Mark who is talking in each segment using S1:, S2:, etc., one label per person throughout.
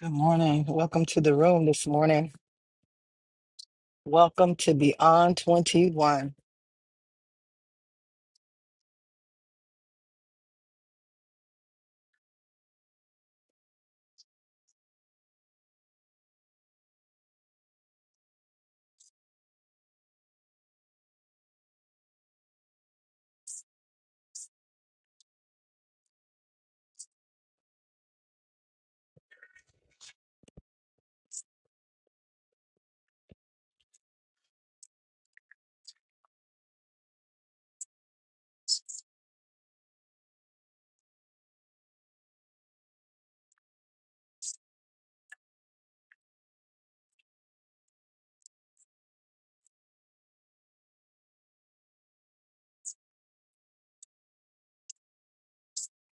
S1: Good morning. Welcome to the room this morning. Welcome to Beyond 21.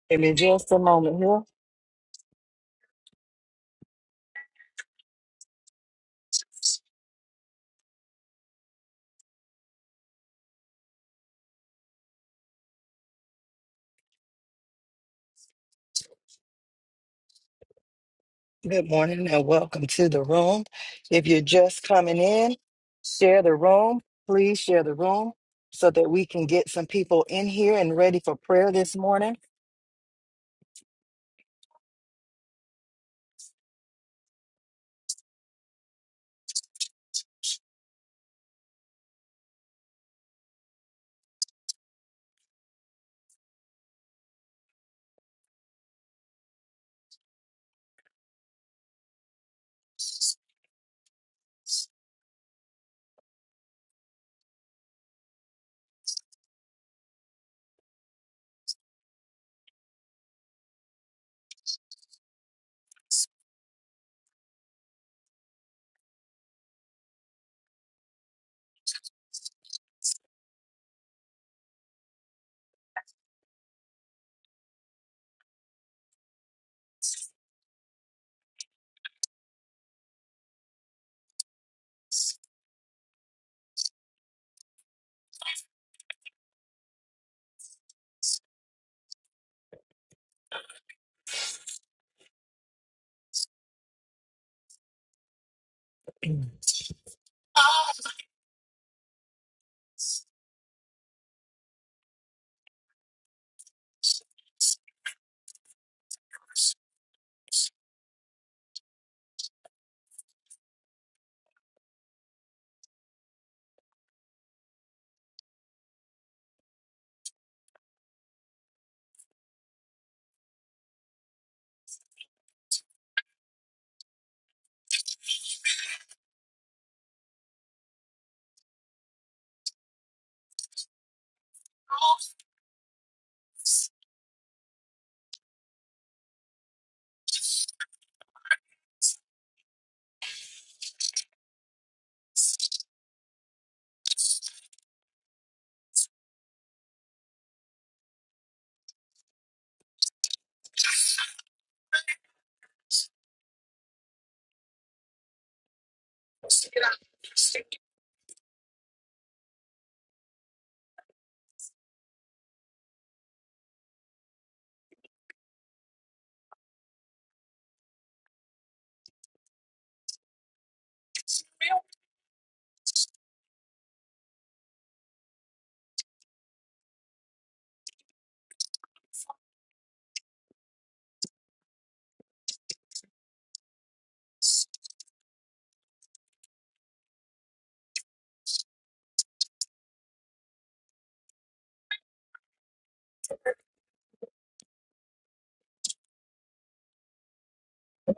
S1: Give me just a moment here. Good morning and welcome to the room. If you're just coming in, share the room. Please share the room so that we can get some people in here and ready for prayer this morning.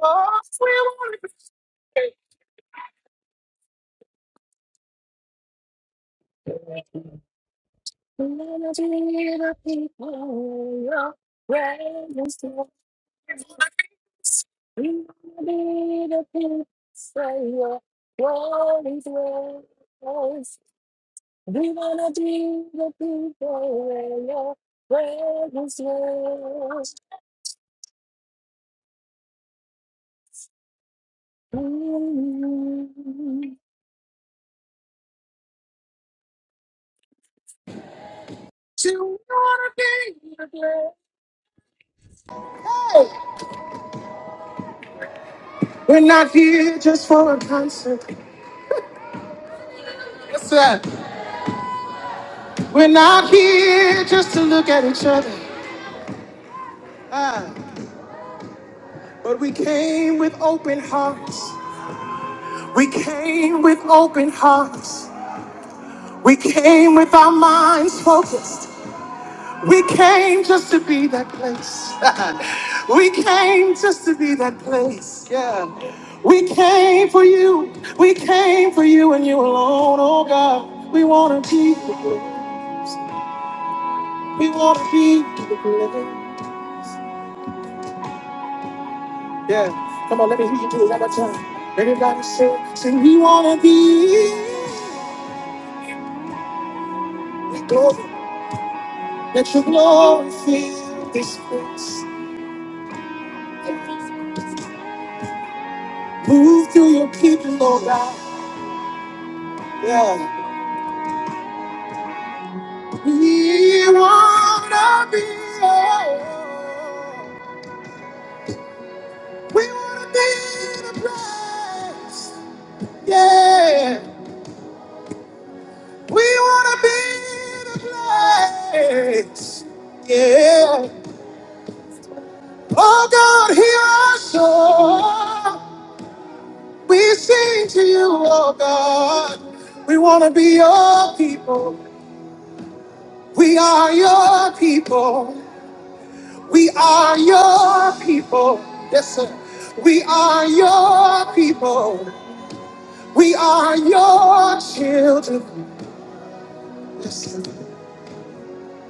S1: Oh, we want to be the people you're raising. Sweet little Israel, what is yours? We wanna be the people where your presence dwells. Mm. You wanna be the place. We're not here just for a concert. Yes, sir. We're not here just to look at each other. Ah, but we came with open hearts. We came with open hearts. We came with our minds focused. We came just to be that place. we came just to be that place. Yeah. We came for you. We came for you and you alone, oh God. We want to be the place. We want to be the place. Yeah. Come on, let me hear you do it one more time. Everybody say, say, we want to be. We glory. Let your glory fill this place. Move through your people, Lord God. Yeah. We wanna be. We wanna be the place. Yeah. We wanna be the place. Yeah. Oh God, hear our song. We sing to you, oh God. We wanna be your people. We are your people. We are your people. Yes, sir. We are your people. We are your children. Yes, sir.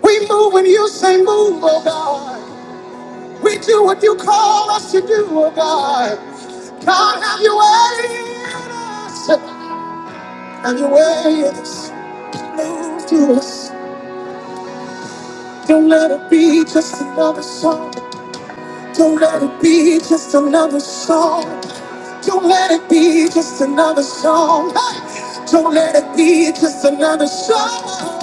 S1: We move when you say move, oh God. We do what you call us to do, oh God. God, have your way in us. Have your way in us. Move through us. Don't let it be just another song. Don't let it be just another song. Don't let it be just another song. Hey! Don't let it be just another song.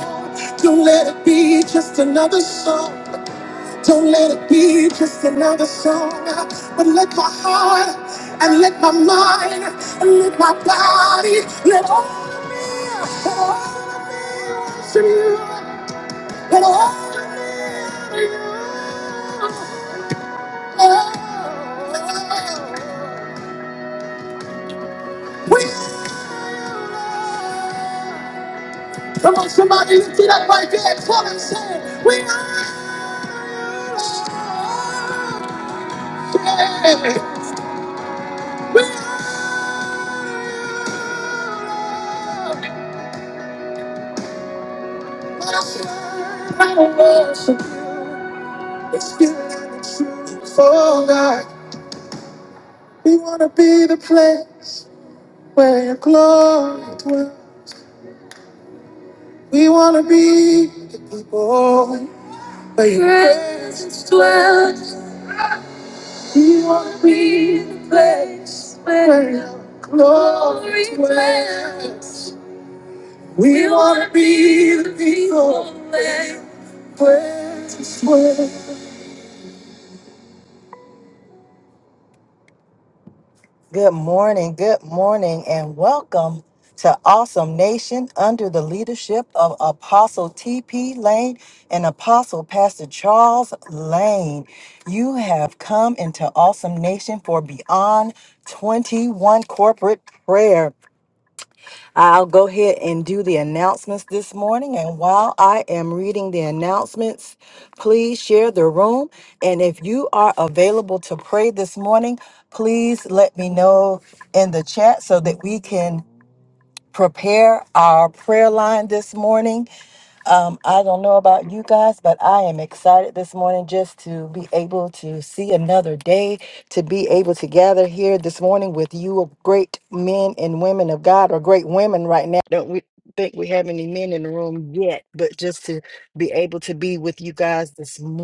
S1: Don't let it be just another song. Don't let it be just another song. But let my heart and let my mind and let my body let all of me, let all of me worship you. Let all of me. We Come on, somebody lift it up right there. Tell him, say, we are. Yeah, we are. I worship you. It's good and it's true. Oh God, we want to be the place where your glory dwells. We wanna be the people where your presence dwells. We wanna be the place where your glory dwells. We wanna be the people where your presence dwells. Good morning, good morning, and welcome to Awesome Nation under the leadership of Apostle T.P. Lane and Apostle Pastor Charles Lane. You have come into Awesome Nation for Beyond 21 Corporate Prayer. I'll go ahead and do the announcements this morning. And while I am reading the announcements, please share the room. And if you are available to pray this morning, please let me know in the chat so that we can prepare our prayer line this morning. Um, I don't know about you guys, but I am excited this morning just to be able to see another day, to be able to gather here this morning with you, great men and women of God, or great women right now. Don't we think we have any men in the room yet? But just to be able to be with you guys this morning.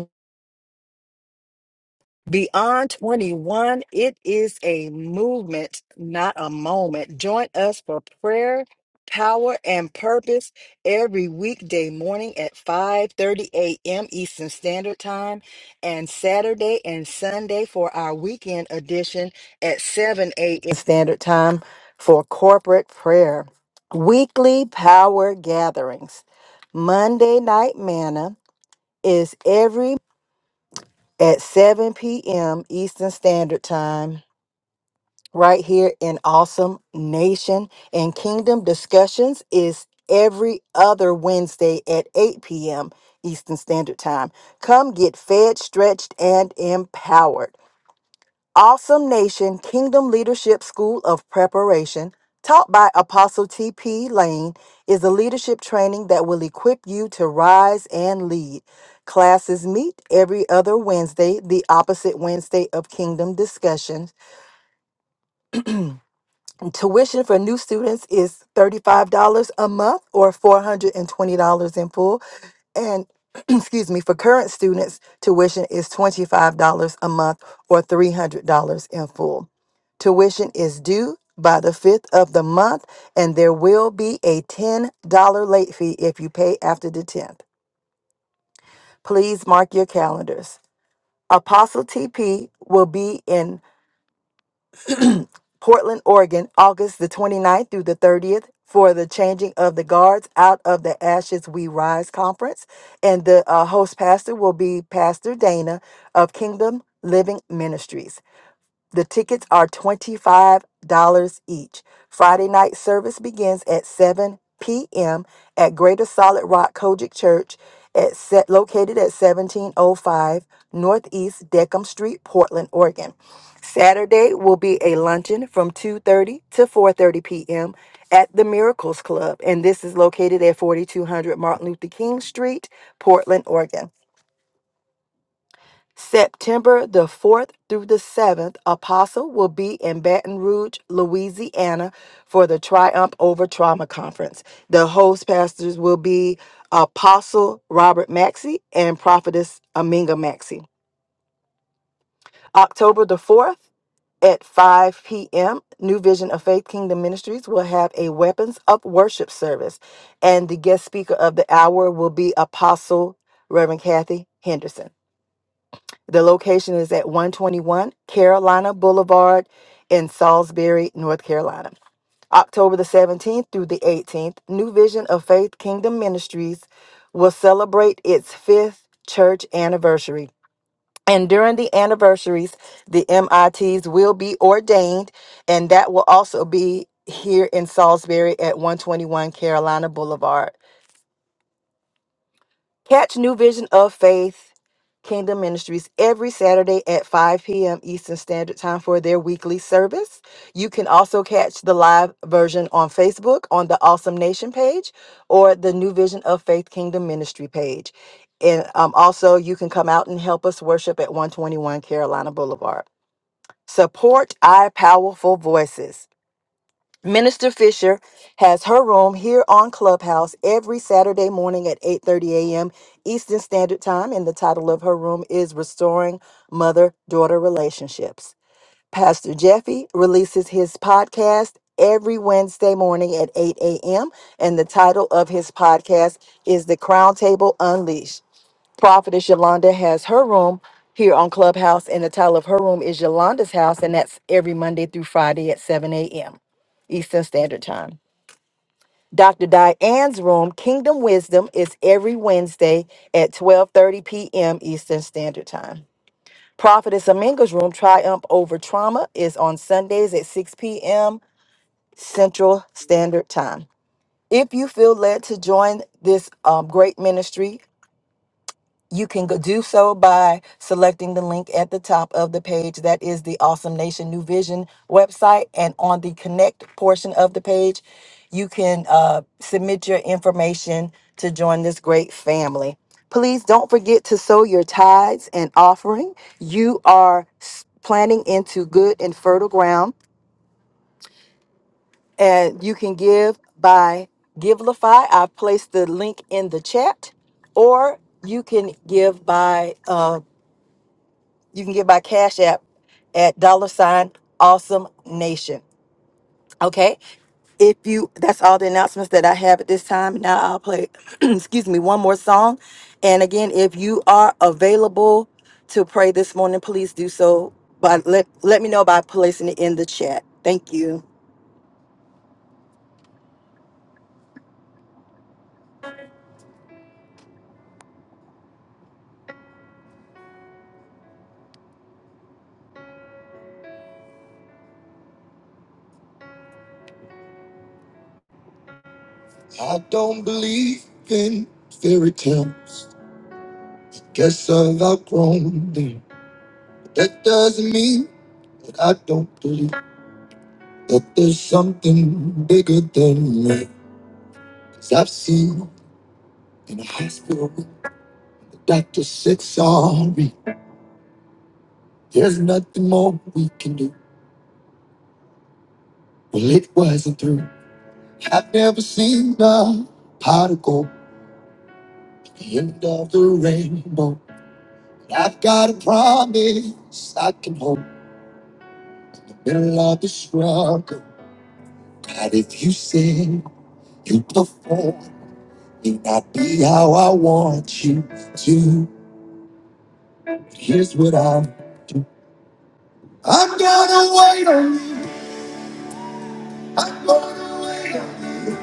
S1: Beyond 21, it is a movement, not a moment. Join us for prayer, power, and purpose every weekday morning at 5:30 a.m. Eastern Standard Time and Saturday and Sunday for our weekend edition at 7 a.m. Standard Time for corporate prayer. Weekly power gatherings. Monday night manna is every at 7 p.m. Eastern Standard Time, right here in Awesome Nation. And Kingdom Discussions is every other Wednesday at 8 p.m. Eastern Standard Time. Come get fed, stretched, and empowered. Awesome Nation Kingdom Leadership School of Preparation, taught by Apostle T.P. Lane, is a leadership training that will equip you to rise and lead. Classes meet every other Wednesday, the opposite Wednesday of Kingdom Discussions. And Tuition for new students is $35 a month or $420 in full. And excuse me, for current students, tuition is $25 a month or $300 in full. Tuition is due by the 5th of the month, and there will be a $10 late fee if you pay after the 10th. Please mark your calendars. Apostle TP will be in Portland, Oregon, August the 29th through the 30th for the Changing of the Guards Out of the Ashes We Rise conference. And the uh, host pastor will be Pastor Dana of Kingdom Living Ministries. The tickets are $25 each. Friday night service begins at 7 p.m. at Greater Solid Rock Kojic Church at set, located at 1705 Northeast Deckham Street, Portland, Oregon. Saturday will be a luncheon from 2:30 to 4:30 p.m. at the Miracles Club and this is located at 4200 Martin Luther King Street, Portland, Oregon. September the 4th through the 7th, Apostle will be in Baton Rouge, Louisiana for the Triumph Over Trauma Conference. The host pastors will be Apostle Robert Maxey and Prophetess Aminga Maxey. October the 4th at 5 p.m., New Vision of Faith Kingdom Ministries will have a Weapons of Worship service. And the guest speaker of the hour will be Apostle Reverend Kathy Henderson. The location is at 121 Carolina Boulevard in Salisbury, North Carolina. October the 17th through the 18th, New Vision of Faith Kingdom Ministries will celebrate its fifth church anniversary. And during the anniversaries, the MITs will be ordained, and that will also be here in Salisbury at 121 Carolina Boulevard. Catch New Vision of Faith Kingdom Ministries every Saturday at 5 p.m. Eastern Standard Time for their weekly service. You can also catch the live version on Facebook on the Awesome Nation page or the New Vision of Faith Kingdom Ministry page. And um, also, you can come out and help us worship at 121 Carolina Boulevard. Support our powerful voices. Minister Fisher has her room here on Clubhouse every Saturday morning at 8:30 a.m. Eastern Standard Time and the title of her room is Restoring Mother-Daughter Relationships. Pastor Jeffy releases his podcast every Wednesday morning at 8 a.m. and the title of his podcast is The Crown Table Unleashed. Prophetess Yolanda has her room here on Clubhouse, and the title of her room is Yolanda's House, and that's every Monday through Friday at 7 a.m. Eastern Standard Time. Dr. Diane's room, Kingdom Wisdom, is every Wednesday at 12:30 p.m. Eastern Standard Time. Prophetess Aminga's room, Triumph Over Trauma, is on Sundays at 6 p.m. Central Standard Time. If you feel led to join this um, great ministry, You can go do so by selecting the link at the top of the page. That is the Awesome Nation New Vision website. And on the connect portion of the page, you can uh, submit your information to join this great family. Please don't forget to sow your tithes and offering. You are s- planting into good and fertile ground, and you can give by Givelify. I've placed the link in the chat or you can give by uh, You can get my Cash App at dollar sign awesome nation. Okay. If you that's all the announcements that I have at this time. Now I'll play excuse me one more song. And again, if you are available to pray this morning, please do so. But let let me know by placing it in the chat. Thank you. I don't believe in fairy tales. Guess I've outgrown them. That doesn't mean that I don't believe. that there's something bigger than me, i I've seen in a hospital, the doctor said, sorry, there's nothing more we can do. Well, it wasn't through. I've never seen a particle at the end of the rainbow. But I've got a promise I can hold in the middle of the struggle. God, if you sing, you perform, may not be how I want you to. But here's what I do. I'm gonna wait on you. I'm gonna wait on you.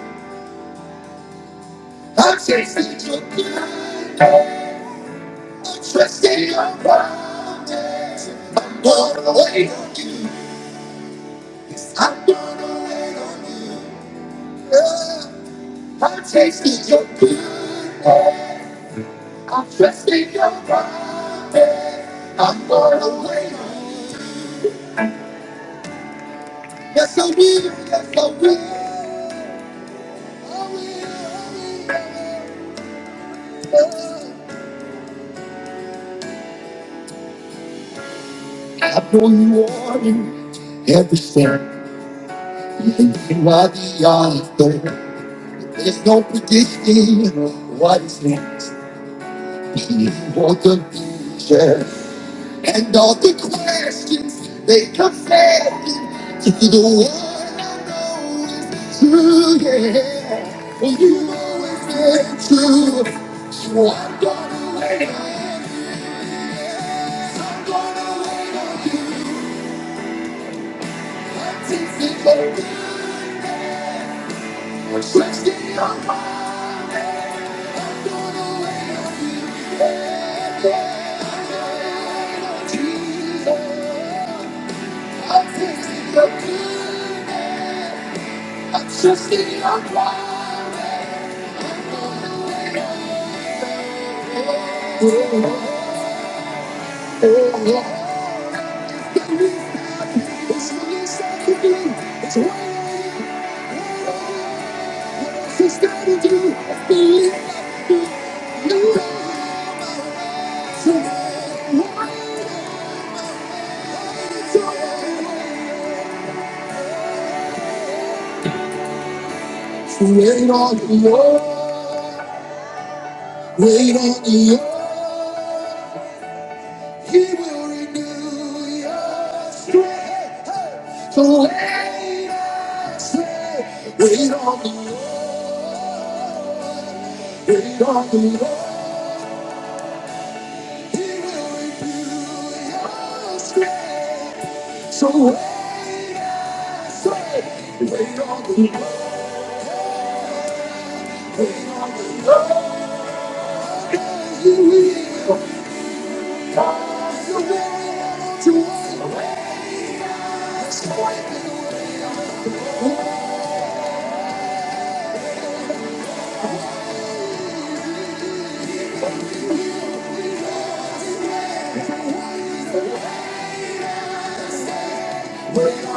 S1: I'm tasting your good. I'm trusting your promise. I'm gonna wait on you. Yes, I'm gonna wait on you. Yeah. I'm tasting your good. I'm trusting your promise. I'm gonna wait on you. Yes, I will. Yes, I will. I will. I will. Yeah. I know you are in everything. You are the author. There's no predicting what is next. You are the future. And all the questions they come second to the one I know is true. Yeah. Well, you always been true. So I'm gonna wait. I'm gonna wait. until It's in the Trust in your heart. Just in your blood. It's what it's like to be. It's what it's got to do. I Believe in the Wait on the Lord. Wait on the Lord, He will renew your strength. Hey, So wait, I say, wait on the Lord, wait on the Lord, He will renew your strength. So wait, I say, wait on the Lord, wait on the Lord, and He will cause the weary to walk. wait. I say, Thank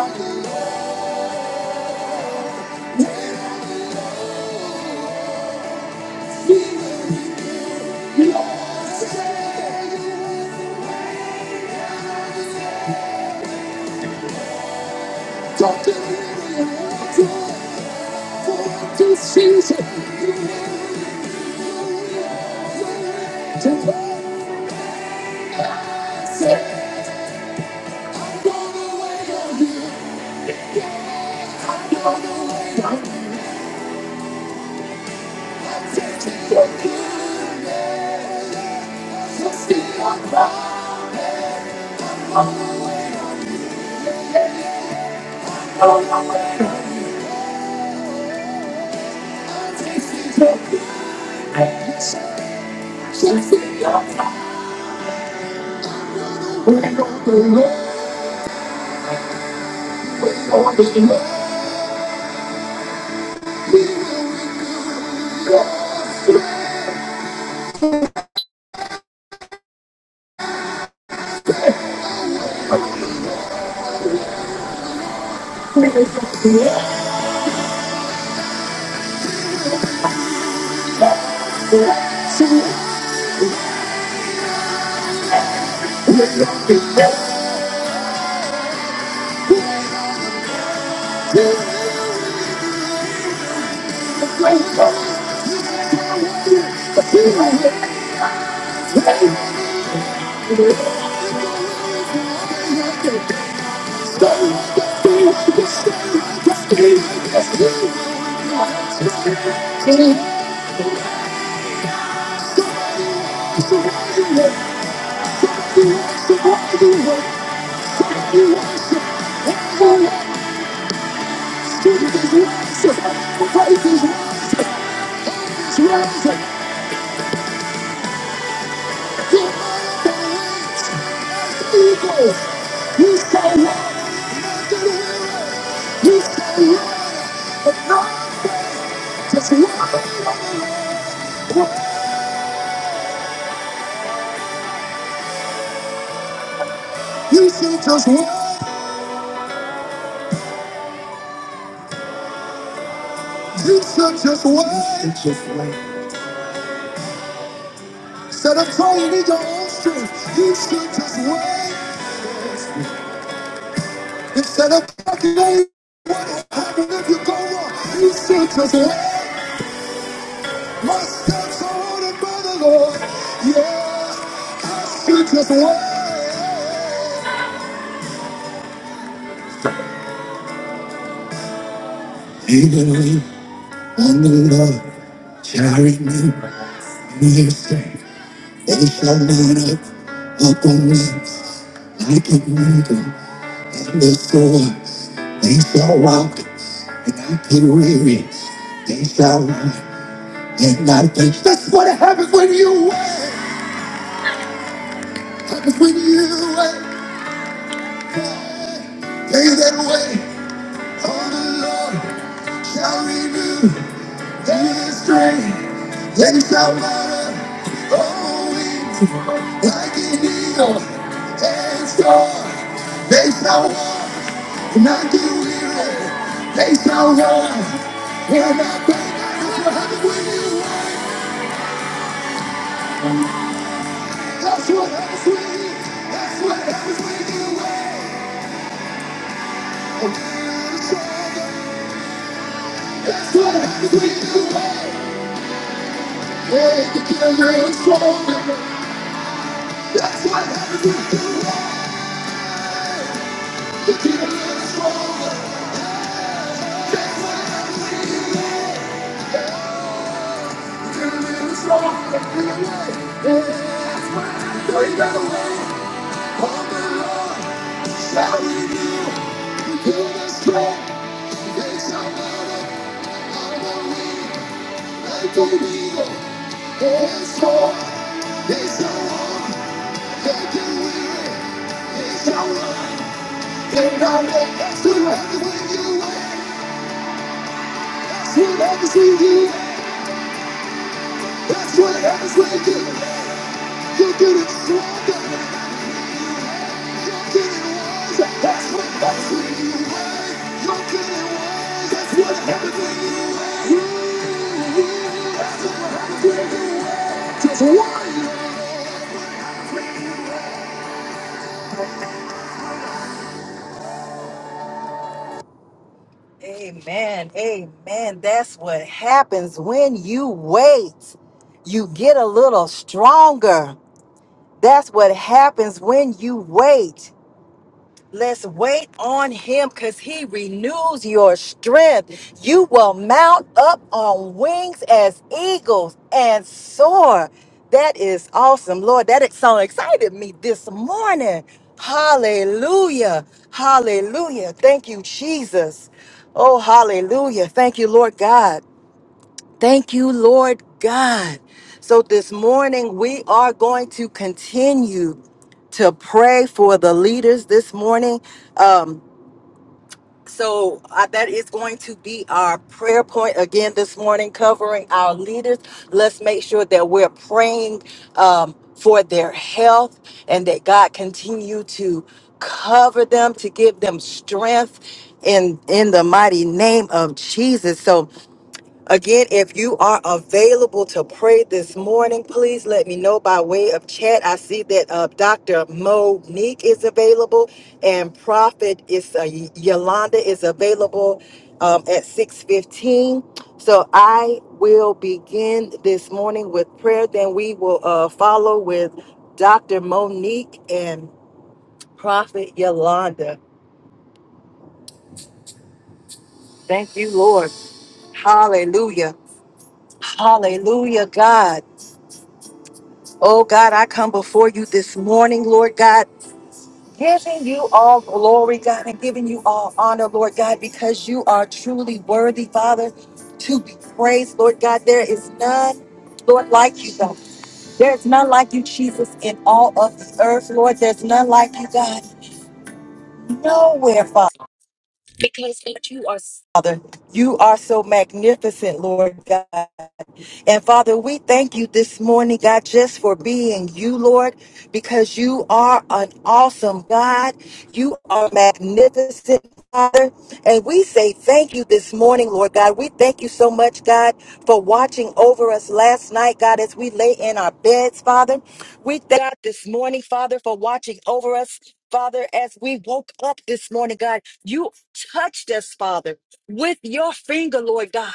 S1: you. Just wait. You should just wait. You should just one. Instead of trying to lead your own strength, you should just wait. Instead of calculating what will happen if you go wrong, you should just wait. My steps are ordered by the Lord. Yeah, I should just wait. He will lean on the Lord carry me in His strength. They shall mount up upon a like an eagle, and they soar. They shall walk and not get weary. They shall run and not faint. That's what happens when you wait. Happens when you wait. They that wait on the Lord shall renew. Heaven's strength, they shall mount up on wings like it eagle and soar. They shall walk, not get weary. They shall run, and not faint. That's what happens when you run. That's what happens when you. That's what happens when you run. That's what happens when you run. Hey, you get real strong. That's what happens when you run. That's what happens when you win. You're getting stronger. You're getting wiser. That's what happens when you win. You're getting wiser. That's what happens when you win. That's what happens when you win. Just win. Amen. Amen. That's what happens when you wait. You get a little stronger. That's what happens when you wait. Let's wait on him because he renews your strength. You will mount up on wings as eagles and soar. That is awesome, Lord. That ex- so excited me this morning. Hallelujah. Hallelujah. Thank you, Jesus. Oh, hallelujah. Thank you, Lord God. Thank you, Lord God. So this morning, we are going to continue to pray for the leaders this morning. Um, so uh, that is going to be our prayer point again this morning, covering our leaders. Let's make sure that we're praying um, for their health and that God continue to cover them, to give them strength in in the mighty name of Jesus. So Again, if you are available to pray this morning, please let me know by way of chat. I see that uh, Dr. Monique is available and Prophet is uh, Yolanda is available um, at 6:15. So I will begin this morning with prayer. Then we will uh, follow with Dr. Monique and Prophet Yolanda. Thank you, Lord. Hallelujah. Hallelujah, God. Oh God, I come before you this morning, Lord God, giving you all glory, God, and giving you all honor, Lord God, because you are truly worthy, Father, to be praised, Lord God. There is none, Lord, like you, God. There is none like you, Jesus, in all of the earth, Lord. There's none like you, God, nowhere, Father. Because Lord, you are, Father, you are so magnificent, Lord God. And Father, we thank you this morning, God, just for being you, Lord, because you are an awesome God. You are magnificent, Father. And we say thank you this morning, Lord God. We thank you so much, God, for watching over us last night, God, as we lay in our beds, Father. We thank God this morning, Father, for watching over us. Father, as we woke up this morning, God, you touched us, Father, with your finger, Lord God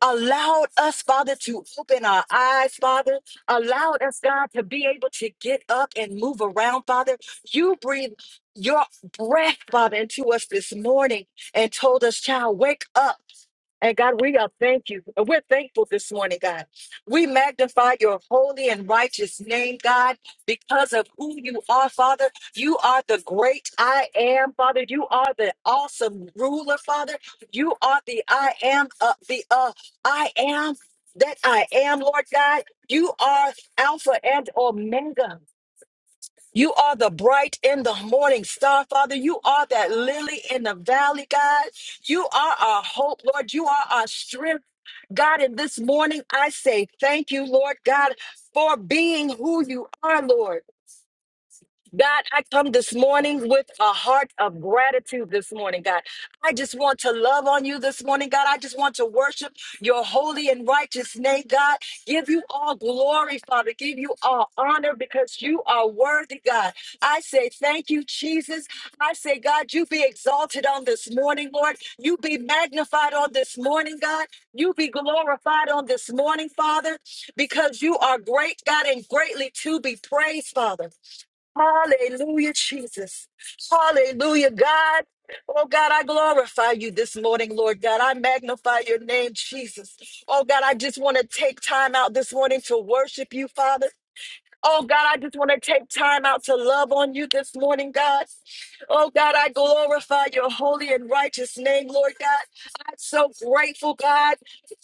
S1: allowed us, Father, to open our eyes, Father, allowed us, God, to be able to get up and move around, Father. You breathe your breath, Father, into us this morning and told us, child, wake up. And God, we are thank you. And we're thankful this morning, God. We magnify your holy and righteous name, God, because of who you are, Father. You are the great I am, Father. You are the awesome ruler, Father. You are the I am, uh, the other. I am that I am, Lord God. You are Alpha and Omega. You are the bright in the morning star, Father. You are that lily in the valley, God. You are our hope, Lord. You are our strength. God, and this morning I say thank you, Lord God, for being who you are, Lord. God, I come this morning with a heart of gratitude this morning, God. I just want to love on you this morning, God. I just want to worship your holy and righteous name, God. Give you all glory, Father. Give you all honor because you are worthy, God. I say thank you, Jesus. I say, God, you be exalted on this morning, Lord. You be magnified on this morning, God. You be glorified on this morning, Father, because you are great, God, and greatly to be praised, Father. Hallelujah, Jesus. Hallelujah, God. Oh God, I glorify you this morning, Lord God. I magnify your name, Jesus. Oh God, I just want to take time out this morning to worship you, Father. Oh God, I just want to take time out to love on you this morning, God. Oh God, I glorify your holy and righteous name, Lord God. I'm so grateful, God.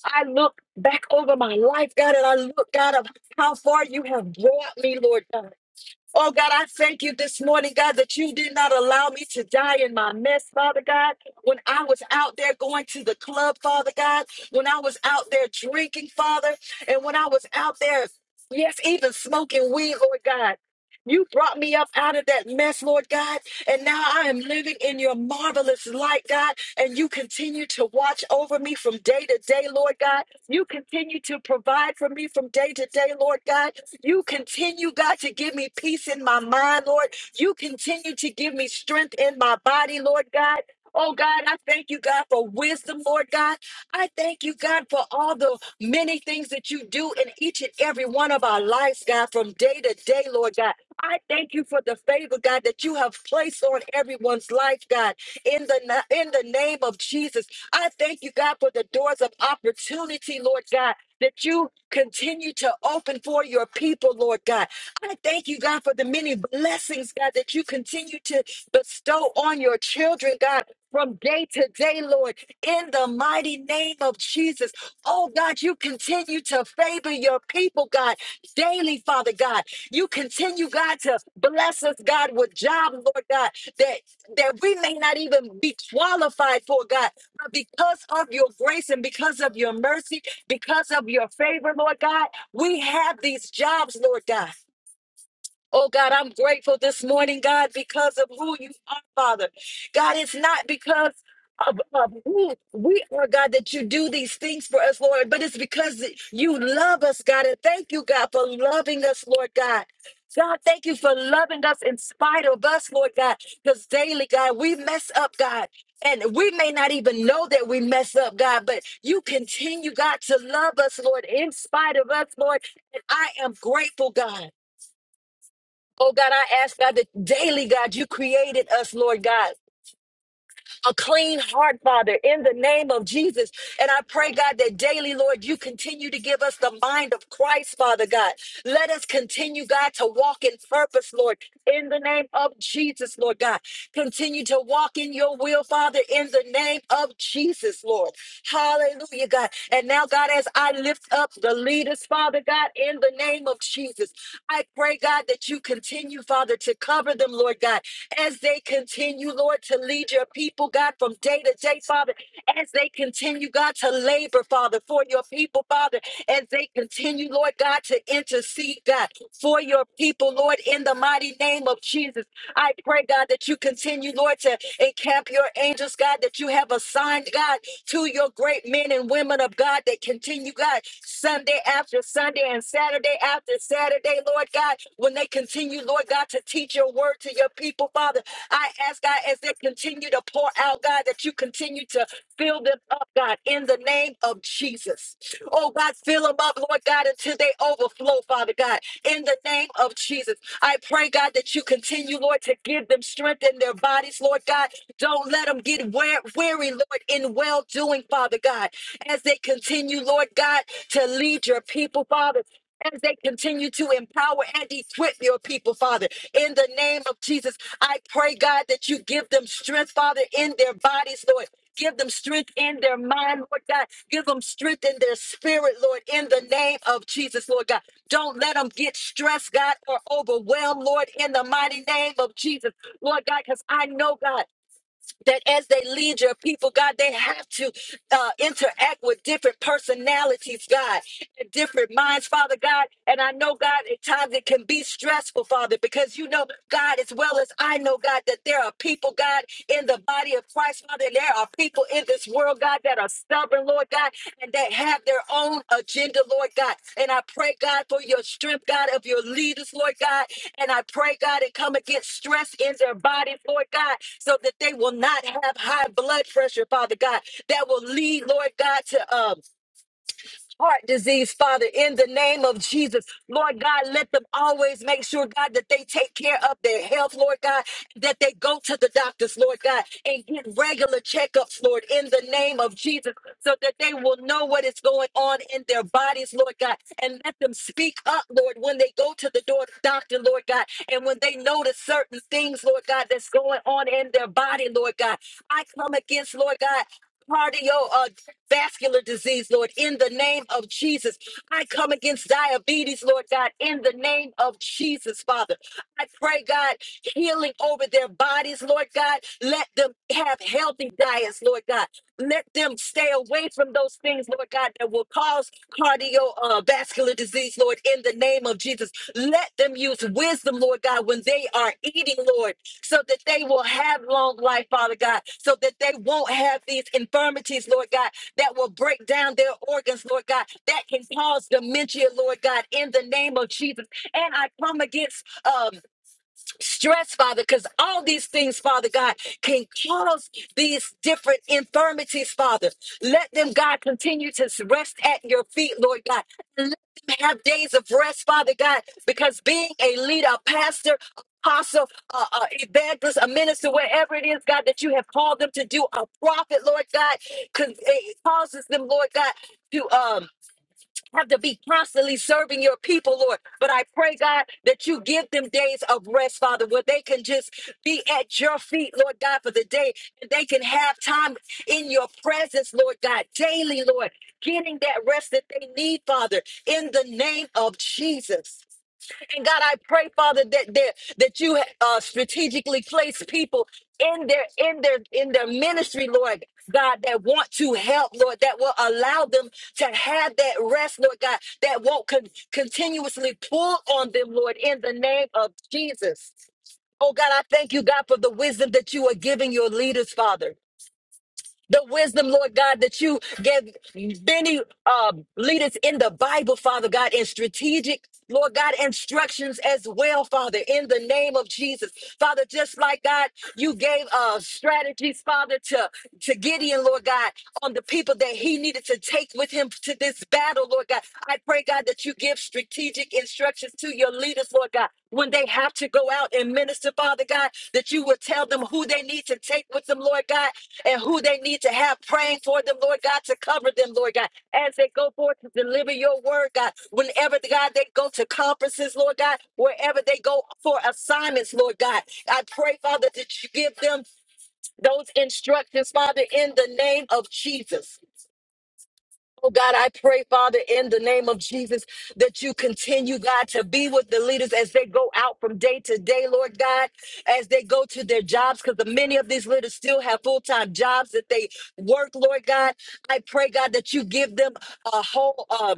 S1: I look back over my life, God, and I look, God, of how far you have brought me, Lord God. Oh God, I thank you this morning, God, that you did not allow me to die in my mess, Father God. When I was out there going to the club, Father God, when I was out there drinking, Father, and when I was out there, yes, even smoking weed, Lord God. You brought me up out of that mess, Lord God, and now I am living in your marvelous light, God, and you continue to watch over me from day to day, Lord God. You continue to provide for me from day to day, Lord God. You continue, God, to give me peace in my mind, Lord. You continue to give me strength in my body, Lord God. Oh God, I thank you, God, for wisdom, Lord God. I thank you, God, for all the many things that you do in each and every one of our lives, God, from day to day, Lord God. I thank you for the favor, God, that you have placed on everyone's life, God. In the na- in the name of Jesus, I thank you, God, for the doors of opportunity, Lord God that you continue to open for your people, Lord God. I thank you, God, for the many blessings, God, that you continue to bestow on your children, God. From day to day, Lord, in the mighty name of Jesus. Oh God, you continue to favor your people, God, daily, Father God. You continue, God, to bless us, God, with jobs, Lord God, that that we may not even be qualified for, God, but because of your grace and because of your mercy, because of your favor, Lord God, we have these jobs, Lord God. Oh God, I'm grateful this morning, God, because of who you are, Father. God, it's not because of, of who we are, God, that you do these things for us, Lord, but it's because you love us, God. And thank you, God, for loving us, Lord God. God, thank you for loving us in spite of us, Lord God, because daily, God, we mess up, God. And we may not even know that we mess up, God, but you continue, God, to love us, Lord, in spite of us, Lord. And I am grateful, God. Oh God, I ask God that daily, God, you created us, Lord God a clean heart, Father, in the name of Jesus. And I pray, God, that daily, Lord, you continue to give us the mind of Christ, Father God. Let us continue, God, to walk in purpose, Lord, in the name of Jesus, Lord God. Continue to walk in your will, Father, in the name of Jesus, Lord. Hallelujah, God. And now, God, as I lift up the leaders, Father God, in the name of Jesus, I pray, God, that you continue, Father, to cover them, Lord God, as they continue, Lord, to lead your people, God, from day to day, Father, as they continue, God, to labor, Father, for your people, Father, as they continue, Lord God, to intercede, God, for your people, Lord, in the mighty name of Jesus. I pray, God, that you continue, Lord, to encamp your angels, God, that you have assigned, God, to your great men and women of God that continue, God, Sunday after Sunday and Saturday after Saturday, Lord God, when they they continue, Lord God, to teach your word to your people, Father. I ask, God, as they continue to pour out, God, that you continue to fill them up, God, in the name of Jesus. Oh, God, fill them up, Lord God, until they overflow, Father God, in the name of Jesus. I pray, God, that you continue, Lord, to give them strength in their bodies, Lord God. Don't let them get wear- weary, Lord, in well doing, Father God, as they continue, Lord God, to lead your people, Father as they continue to empower and equip your people, Father. In the name of Jesus, I pray, God, that you give them strength, Father, in their bodies, Lord. Give them strength in their mind, Lord God. Give them strength in their spirit, Lord, in the name of Jesus, Lord God. Don't let them get stressed, God, or overwhelmed, Lord, in the mighty name of Jesus, Lord God, because I know, God that as they lead your people, God, they have to uh, interact with different personalities, God, and different minds, Father God. And I know, God, at times it can be stressful, Father, because you know, God, as well as I know, God, that there are people, God, in the body of Christ, Father, and there are people in this world, God, that are stubborn, Lord. Lord God, and that have their own agenda, Lord God. And I pray, God, for your strength, God, of your leaders, Lord God. And I pray, God, and come against stress in their bodies, Lord God, so that they will not have high blood pressure, Father God, that will lead, Lord God, to um heart disease, Father, in the name of Jesus. Lord God, let them always make sure, God, that they take care of their health, Lord God, that they go to the doctors, Lord God, and get regular checkups, Lord, in the name of Jesus, so that they will know what is going on in their bodies, Lord God, and let them speak up, Lord, when they go to the door, doctor, Lord God, and when they notice certain things, Lord God, that's going on in their body, Lord God. I come against, Lord God, cardio uh, vascular disease, Lord, in the name of Jesus. I come against diabetes, Lord God, in the name of Jesus, Father. I pray, God, healing over their bodies, Lord God. Let them have healthy diets, Lord God. Let them stay away from those things, Lord God, that will cause cardiovascular uh, disease, Lord, in the name of Jesus. Let them use wisdom, Lord God, when they are eating, Lord, so that they will have long life, Father God, so that they won't have these infirmities, Lord God, that will break down their organs, Lord God, that can cause dementia, Lord God, in the name of Jesus. And I come against um, stress, Father, because all these things, Father God, can cause these different infirmities, Father. Let them, God, continue to rest at your feet, Lord God. Let them have days of rest, Father God, because being a leader, a pastor, apostle, uh, uh, evangelist, a minister, whatever it is, God, that you have called them to do, a prophet, Lord God, con- it causes them, Lord God, to. Um, have to be constantly serving your people, Lord. But I pray, God, that you give them days of rest, Father, where they can just be at your feet, Lord God, for the day. And they can have time in your presence, Lord God, daily, Lord, getting that rest that they need, Father, in the name of Jesus. And God, I pray, Father, that that, that you uh, strategically place people in their in their in their ministry, Lord God, that want to help, Lord, that will allow them to have that rest, Lord God, that won't con- continuously pull on them, Lord, in the name of Jesus. Oh God, I thank you, God, for the wisdom that you are giving your leaders, Father the wisdom, Lord God, that you gave many um, leaders in the Bible, Father God, and strategic, Lord God, instructions as well, Father, in the name of Jesus. Father, just like God, you gave uh, strategies, Father, to, to Gideon, Lord God, on the people that he needed to take with him to this battle, Lord God. I pray, God, that you give strategic instructions to your leaders, Lord God, when they have to go out and minister, Father God, that you will tell them who they need to take with them, Lord God, and who they need to have praying for them, Lord God, to cover them, Lord God, as they go forth to deliver your word, God. Whenever, God, they go to conferences, Lord God, wherever they go for assignments, Lord God, I pray, Father, that you give them those instructions, Father, in the name of Jesus. Oh God, I pray, Father, in the name of Jesus, that you continue, God, to be with the leaders as they go out from day to day, Lord God, as they go to their jobs, because many of these leaders still have full time jobs that they work, Lord God. I pray, God, that you give them a whole, um,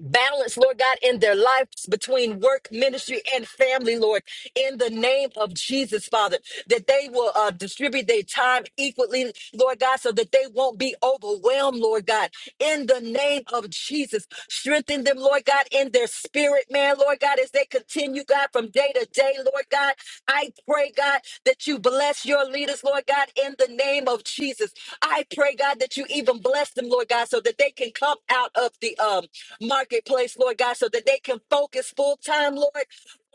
S1: balance, Lord God, in their lives between work, ministry, and family, Lord, in the name of Jesus, Father, that they will uh, distribute their time equally, Lord God, so that they won't be overwhelmed, Lord God, in the name of Jesus. Strengthen them, Lord God, in their spirit, man, Lord God, as they continue, God, from day to day, Lord God. I pray, God, that you bless your leaders, Lord God, in the name of Jesus. I pray, God, that you even bless them, Lord God, so that they can come out of the um marketplace, Lord God, so that they can focus full time, Lord.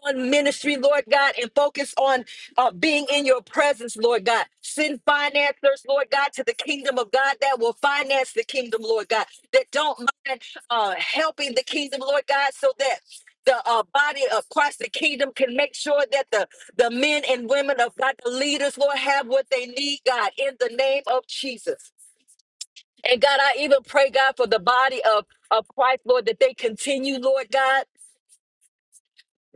S1: On ministry, Lord God, and focus on uh, being in your presence, Lord God. Send financiers, Lord God, to the kingdom of God that will finance the kingdom, Lord God, that don't mind uh, helping the kingdom, Lord God, so that the uh, body of Christ, the kingdom, can make sure that the the men and women of God, the leaders, Lord, have what they need, God, in the name of Jesus. And God, I even pray, God, for the body of, of Christ, Lord, that they continue, Lord God,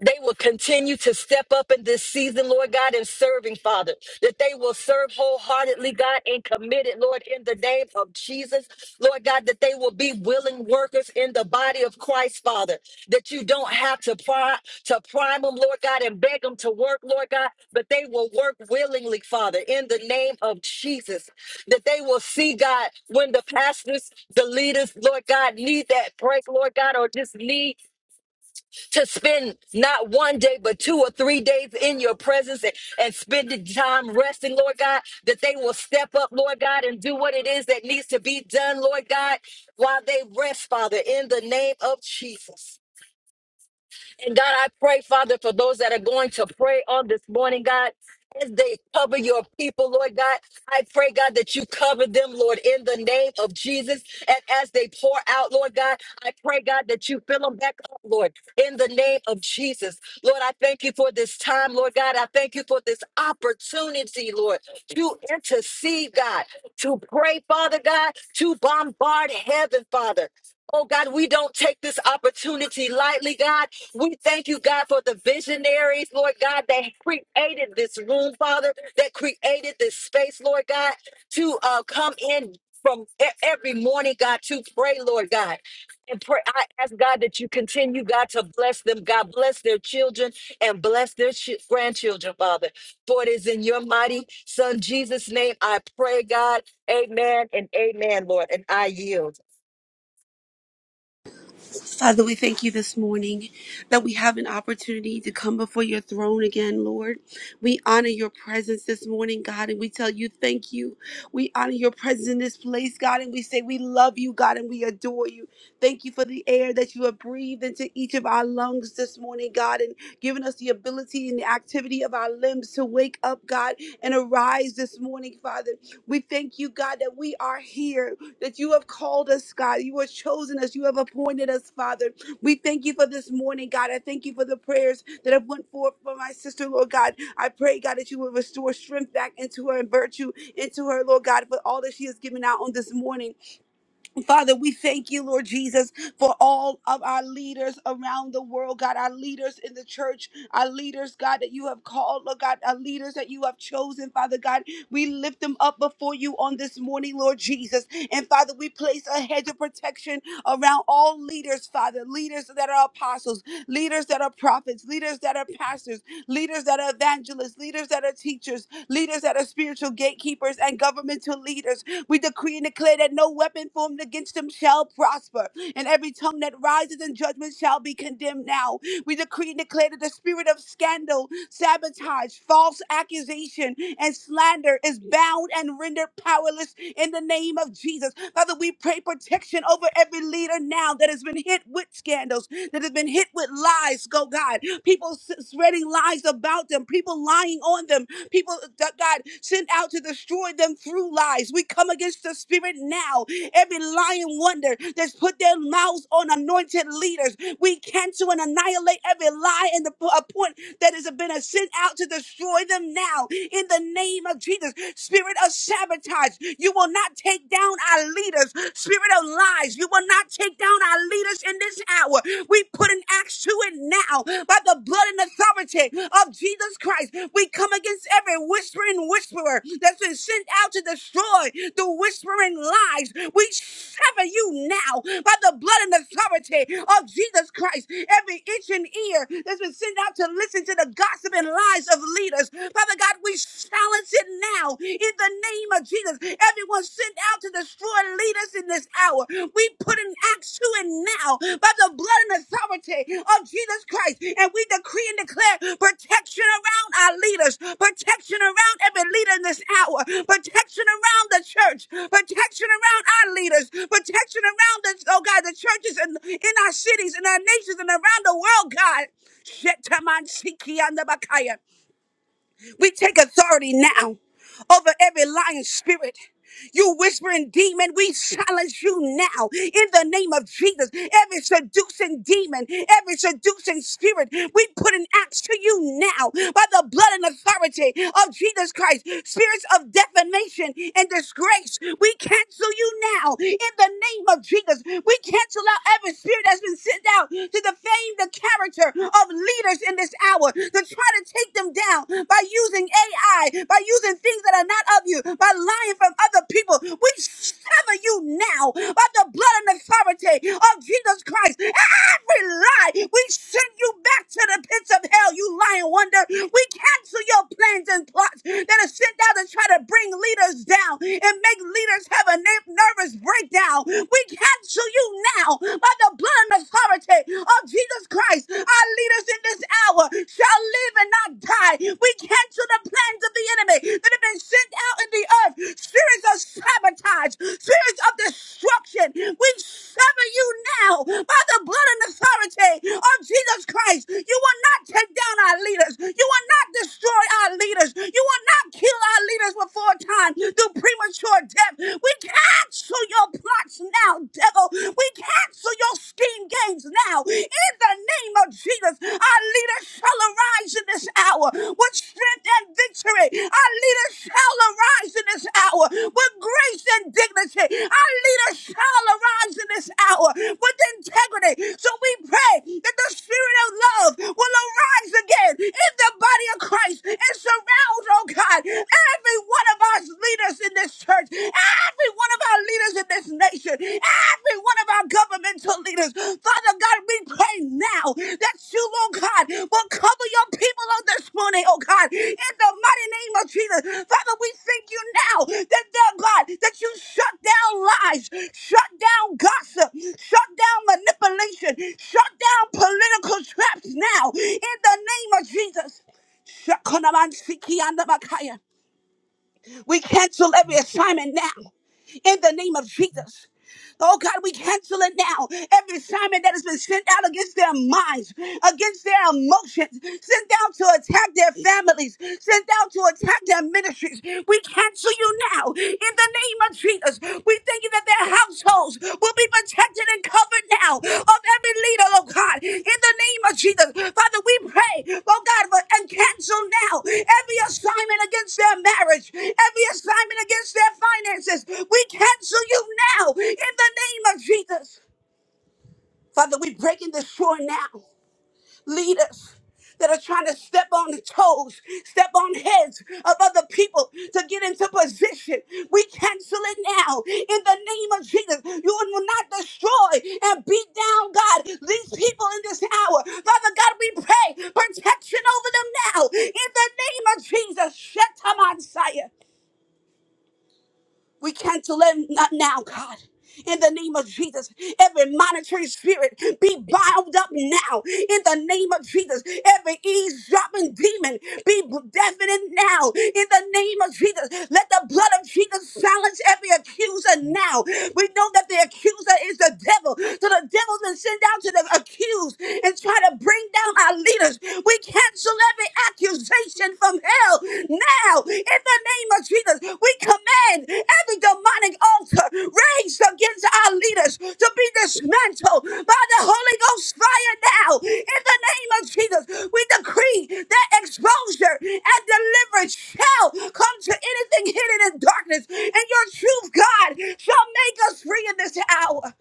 S1: they will continue to step up in this season, Lord God, in serving, Father, that they will serve wholeheartedly, God, and committed, Lord, in the name of Jesus, Lord God, that they will be willing workers in the body of Christ, Father, that you don't have to pry, to prime them, Lord God, and beg them to work, Lord God, but they will work willingly, Father, in the name of Jesus, that they will see, God, when the pastors, the leaders, Lord God, need that break, Lord God, or just need to spend not one day, but two or three days in your presence and, and spending time resting, Lord God, that they will step up, Lord God, and do what it is that needs to be done, Lord God, while they rest, Father, in the name of Jesus. And God, I pray, Father, for those that are going to pray on this morning, God. As they cover your people, Lord God, I pray, God, that you cover them, Lord, in the name of Jesus. And as they pour out, Lord God, I pray, God, that you fill them back up, Lord, in the name of Jesus. Lord, I thank you for this time, Lord God. I thank you for this opportunity, Lord, to intercede, God, to pray, Father God, to bombard heaven, Father. Oh God, we don't take this opportunity lightly, God. We thank you, God, for the visionaries, Lord God, that created this room, Father, that created this space, Lord God, to uh, come in from e- every morning, God, to pray, Lord God. And pray, I ask God that you continue, God, to bless them. God, bless their children and bless their chi- grandchildren, Father. For it is in your mighty Son, Jesus' name, I pray, God. Amen and amen, Lord. And I yield.
S2: Father, we thank you this morning that we have an opportunity to come before your throne again, Lord. We honor your presence this morning, God, and we tell you thank you. We honor your presence in this place, God, and we say we love you, God, and we adore you. Thank you for the air that you have breathed into each of our lungs this morning, God, and given us the ability and the activity of our limbs to wake up, God, and arise this morning, Father. We thank you, God, that we are here that you have called us, God. You have chosen us. You have appointed us, Father. We thank you for this morning, God. I thank you for the prayers that have went forth for my sister, Lord God. I pray, God, that you will restore strength back into her and virtue into her, Lord God, for all that she has given out on this morning. Father, we thank you, Lord Jesus, for all of our leaders around the world, God, our leaders in the church, our leaders, God, that you have called, Lord God, our leaders that you have chosen, Father God. We lift them up before you on this morning, Lord Jesus. And Father, we place a hedge of protection around all leaders, Father, leaders that are apostles, leaders that are prophets, leaders that are pastors, leaders that are evangelists, leaders that are teachers, leaders that are spiritual gatekeepers and governmental leaders. We decree and declare that no weapon formed against them shall prosper, and every tongue that rises in judgment shall be condemned now. We decree and declare that the spirit of scandal, sabotage, false accusation, and slander is bound and rendered powerless in the name of Jesus. Father, we pray protection over every leader now that has been hit with scandals, that has been hit with lies, go God. God. People s- spreading lies about them, people lying on them, people uh, that God sent out to destroy them through lies. We come against the spirit now. Every lying wonder that's put their mouths on anointed leaders, we cancel and annihilate every lie and the a point that has been uh, sent out to destroy them now. In the name of Jesus, spirit of sabotage, you will not take down our leaders. Spirit of lies, you will not not take down our leaders in this hour. We put an axe to it now by the blood and authority of Jesus Christ. We come against every whispering whisperer that's been sent out to destroy the whispering lies. We sever you now by the blood and authority of Jesus Christ. Every itch and ear that's been sent out to listen to the gossip and lies of leaders. Father God, we silence it now in the name of Jesus. Everyone sent out to destroy leaders in this hour. We put an axe to it now by the blood and authority of Jesus Christ. And we decree and declare protection around our leaders, protection around every leader in this hour, protection around the church, protection around our leaders, protection around the, oh God, the churches and in our cities, in our nations, and around the world, God. Shetamansiki and the Bakaya. We take authority now over every lying spirit. You whispering demon, we silence you now in the name of Jesus. Every seducing demon, every seducing spirit, we put an axe to you now by the blood and authority of Jesus Christ. Spirits of defamation and disgrace, we we cancel you now in the name of Jesus. We cancel out every spirit that's been sent out to defame the character of leaders in this hour, to try to take them down by using AI, by using things that are not of you, by lying from other people. We sever you now by the blood and authority of Jesus Christ every lie. We send you back to the pits of hell, you lying wonder. We cancel your plans and plots that are sent out to try to bring leaders down and make leaders have a ner- nervous breakdown. We cancel you now by the blood and authority of Jesus Christ. Our leaders in this hour shall live and not die. We cancel the plans of the enemy that have been sent out in the earth. Spirits of of sabotage, spirits of destruction. We sever you now by the blood and authority of Jesus Christ. You will not take down our leaders. You will not destroy our leaders. You will not kill our leaders before time through premature death. We cancel your plots now, devil. We cancel your scheme games now. In the name of Jesus, our leaders shall arise arise in this hour with strength and victory. Our leaders shall arise in this hour with grace and dignity. Our leaders shall arise in this hour with integrity. So we pray that the spirit of love will arise again in the body of Christ and surround, oh God, every one of our leaders in this church, every one of our leaders in this nation, every every one of our governmental leaders. Father God, we pray now that you, Lord God, will cover your people on this morning, oh God, in the mighty name of Jesus. Father, we thank you now that, Lord God, that you shut down lies, shut down gossip, shut down manipulation, shut down political traps now, in the name of Jesus. Shakonamansikiandabakaya. We cancel every assignment now in the name of Jesus. Oh God, we cancel it now. Every assignment that has been sent out against their minds, against their emotions, sent out to attack their families, sent out to attack their ministries, we cancel you now in the name of Jesus. We thank you that their house toes will be protected and covered now of every leader, oh God, in the name of Jesus. Father, we pray, oh God, for, and cancel now every assignment against their marriage, every assignment against their finances. We cancel you now in the name of Jesus. Father, we break in the shore now leaders that are trying to step on the toes, step on heads of other people to get into position. We cancel it now in the name of Jesus. You will not destroy and beat down, God, these people in this hour. Father God, we pray protection over them now in the name of Jesus. Shetaman we cancel them not now, God. In the name of Jesus, every monitoring spirit be bound up now. In the name of Jesus, every eavesdropping demon be deafened now. In the name of Jesus, let the blood of Jesus silence every accuser now. We know that the accuser is the devil. So the devil's been sent down to the accused and try to bring down our leaders. We cancel every accusation from hell now. In the name of Jesus, we command command every demonic altar raised against our leaders to be dismantled by the Holy Ghost fire now. In the name of Jesus, we decree that exposure and deliverance shall come to anything hidden in darkness, and your truth, God, shall make us free in this hour.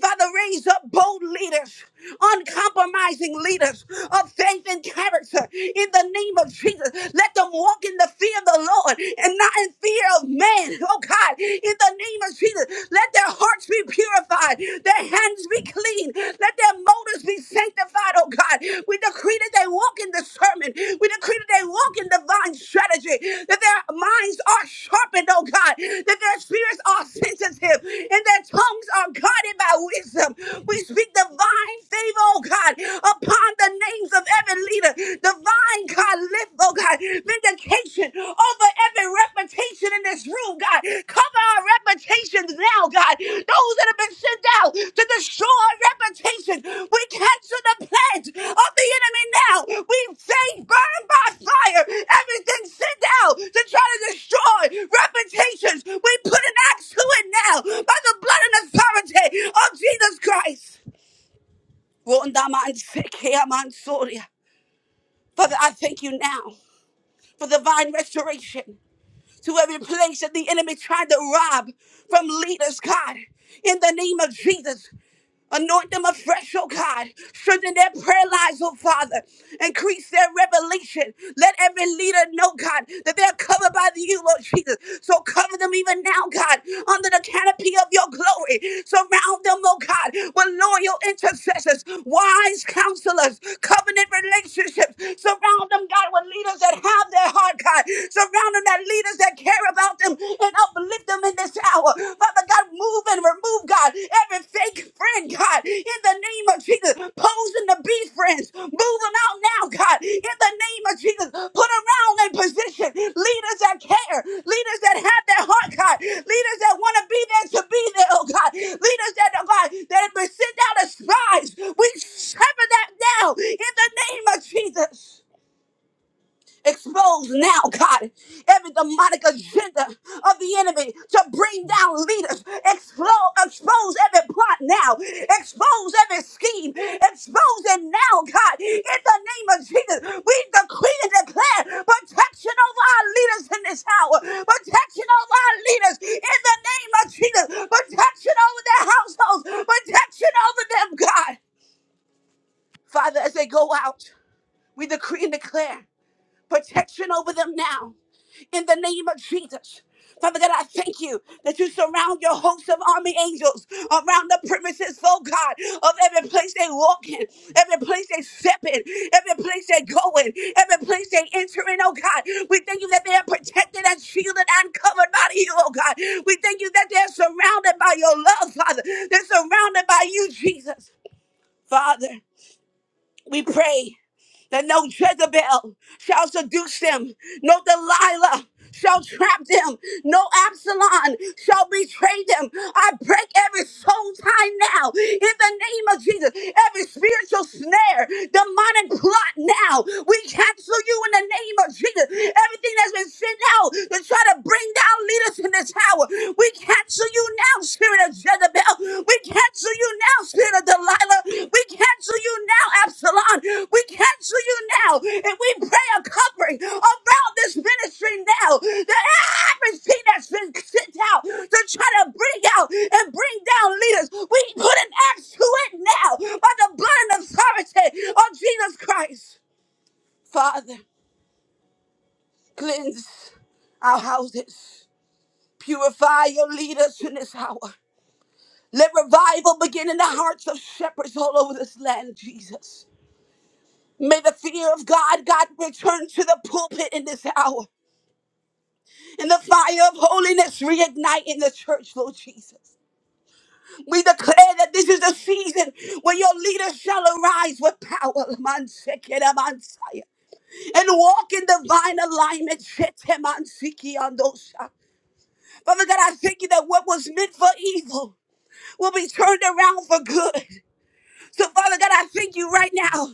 S2: Father, raise up bold leaders, uncompromising leaders of faith and character in the name of Jesus. Let them walk in the fear of the Lord and not in fear of man. Oh God, in the name of Jesus, let their hearts be purified, their hands be clean, let their motives be sanctified. Oh God, we decree that they walk in the discernment. We decree that they walk in divine strategy, that their minds are sharpened, oh God, that their spirits are sensitive, and their tongues are guided by wisdom. We speak divine favor, oh God, upon the names of every leader, divine God, lift, oh God, vindication over every reputation in this room oh God. Cover our reputations now, God. Those that have been sent out to destroy our reputation. We cancel the plans of the enemy now. We say burn by fire everything sent out to try to destroy reputations. We put an axe to it now by the blood and authority of Jesus Christ. Rondamansikeamansoria. Father, I thank you now for divine restoration to every place that the enemy tried to rob from leaders, God. In the name of Jesus, Anoint them afresh, oh God. Strengthen their prayer lives, oh Father. Increase their revelation. Let every leader know, God, that they're covered by you, Lord Jesus. So cover them even now, God, under the canopy of your glory. Surround them, oh God, with loyal intercessors, wise counselors, covenant relationships. Surround them, God, with leaders that have their heart, God. Surround them that leaders that care about them and uplift them in this hour. Father God, move and remove, God, every fake friend, God, in the name of Jesus. Posing to be friends, move them out now, God, in the name of Jesus. Put around in position leaders that care, leaders that have their heart, God, leaders that want to be there to be there, oh God, leaders that, oh God, that have been sent out as spies. We sever that now in the name of Jesus. Expose now, God, every demonic agenda of the enemy to bring down leaders. Explo- expose every plot now. Expose every scheme. Expose it now, God. In the name of Jesus, we decree and declare protection over our leaders in this hour. Protection over our leaders in the name of Jesus. Protection over their households. Protection over them, God. Father, as they go out, we decree and declare protection over them now in the name of Jesus. Father God, I thank you that you surround your hosts of army angels around the premises, oh God, of every place they walk in, every place they step in, every place they go in, every place they enter in, oh God. We thank you that they are protected and shielded and covered by you, oh God. We thank you that they're surrounded by your love, Father. They're surrounded by you, Jesus. Father. We pray that no Jezebel shall seduce them, no Delilah shall trap them, no Absalom shall betray them. I break every soul tie now in the name of Jesus, every spiritual snare, demonic plot now. We cancel you in the name of Jesus. Everything that's been sent out to try to bring down leaders in this hour, we cancel cancel you now, spirit of Jezebel. We cancel you now, spirit of Delilah. We cancel you now, Absalom. We cancel you now. And we pray a covering around this ministry now. That everything that's been sent out to try to bring out and bring down leaders, we put an axe to it now by the blood and authority of Jesus Christ. Father, cleanse our houses. Purify your leaders in this hour. Let revival begin in the hearts of shepherds all over this land, Jesus. May the fear of God, God, return to the pulpit in this hour. And the fire of holiness reignite in the church, Lord Jesus. We declare that this is the season where your leaders shall arise with power, Lamansekeramansia, and walk in divine alignment. Shetemansiki-andosha. Father God, I thank you that what was meant for evil will be turned around for good. So, Father God, I thank you right now.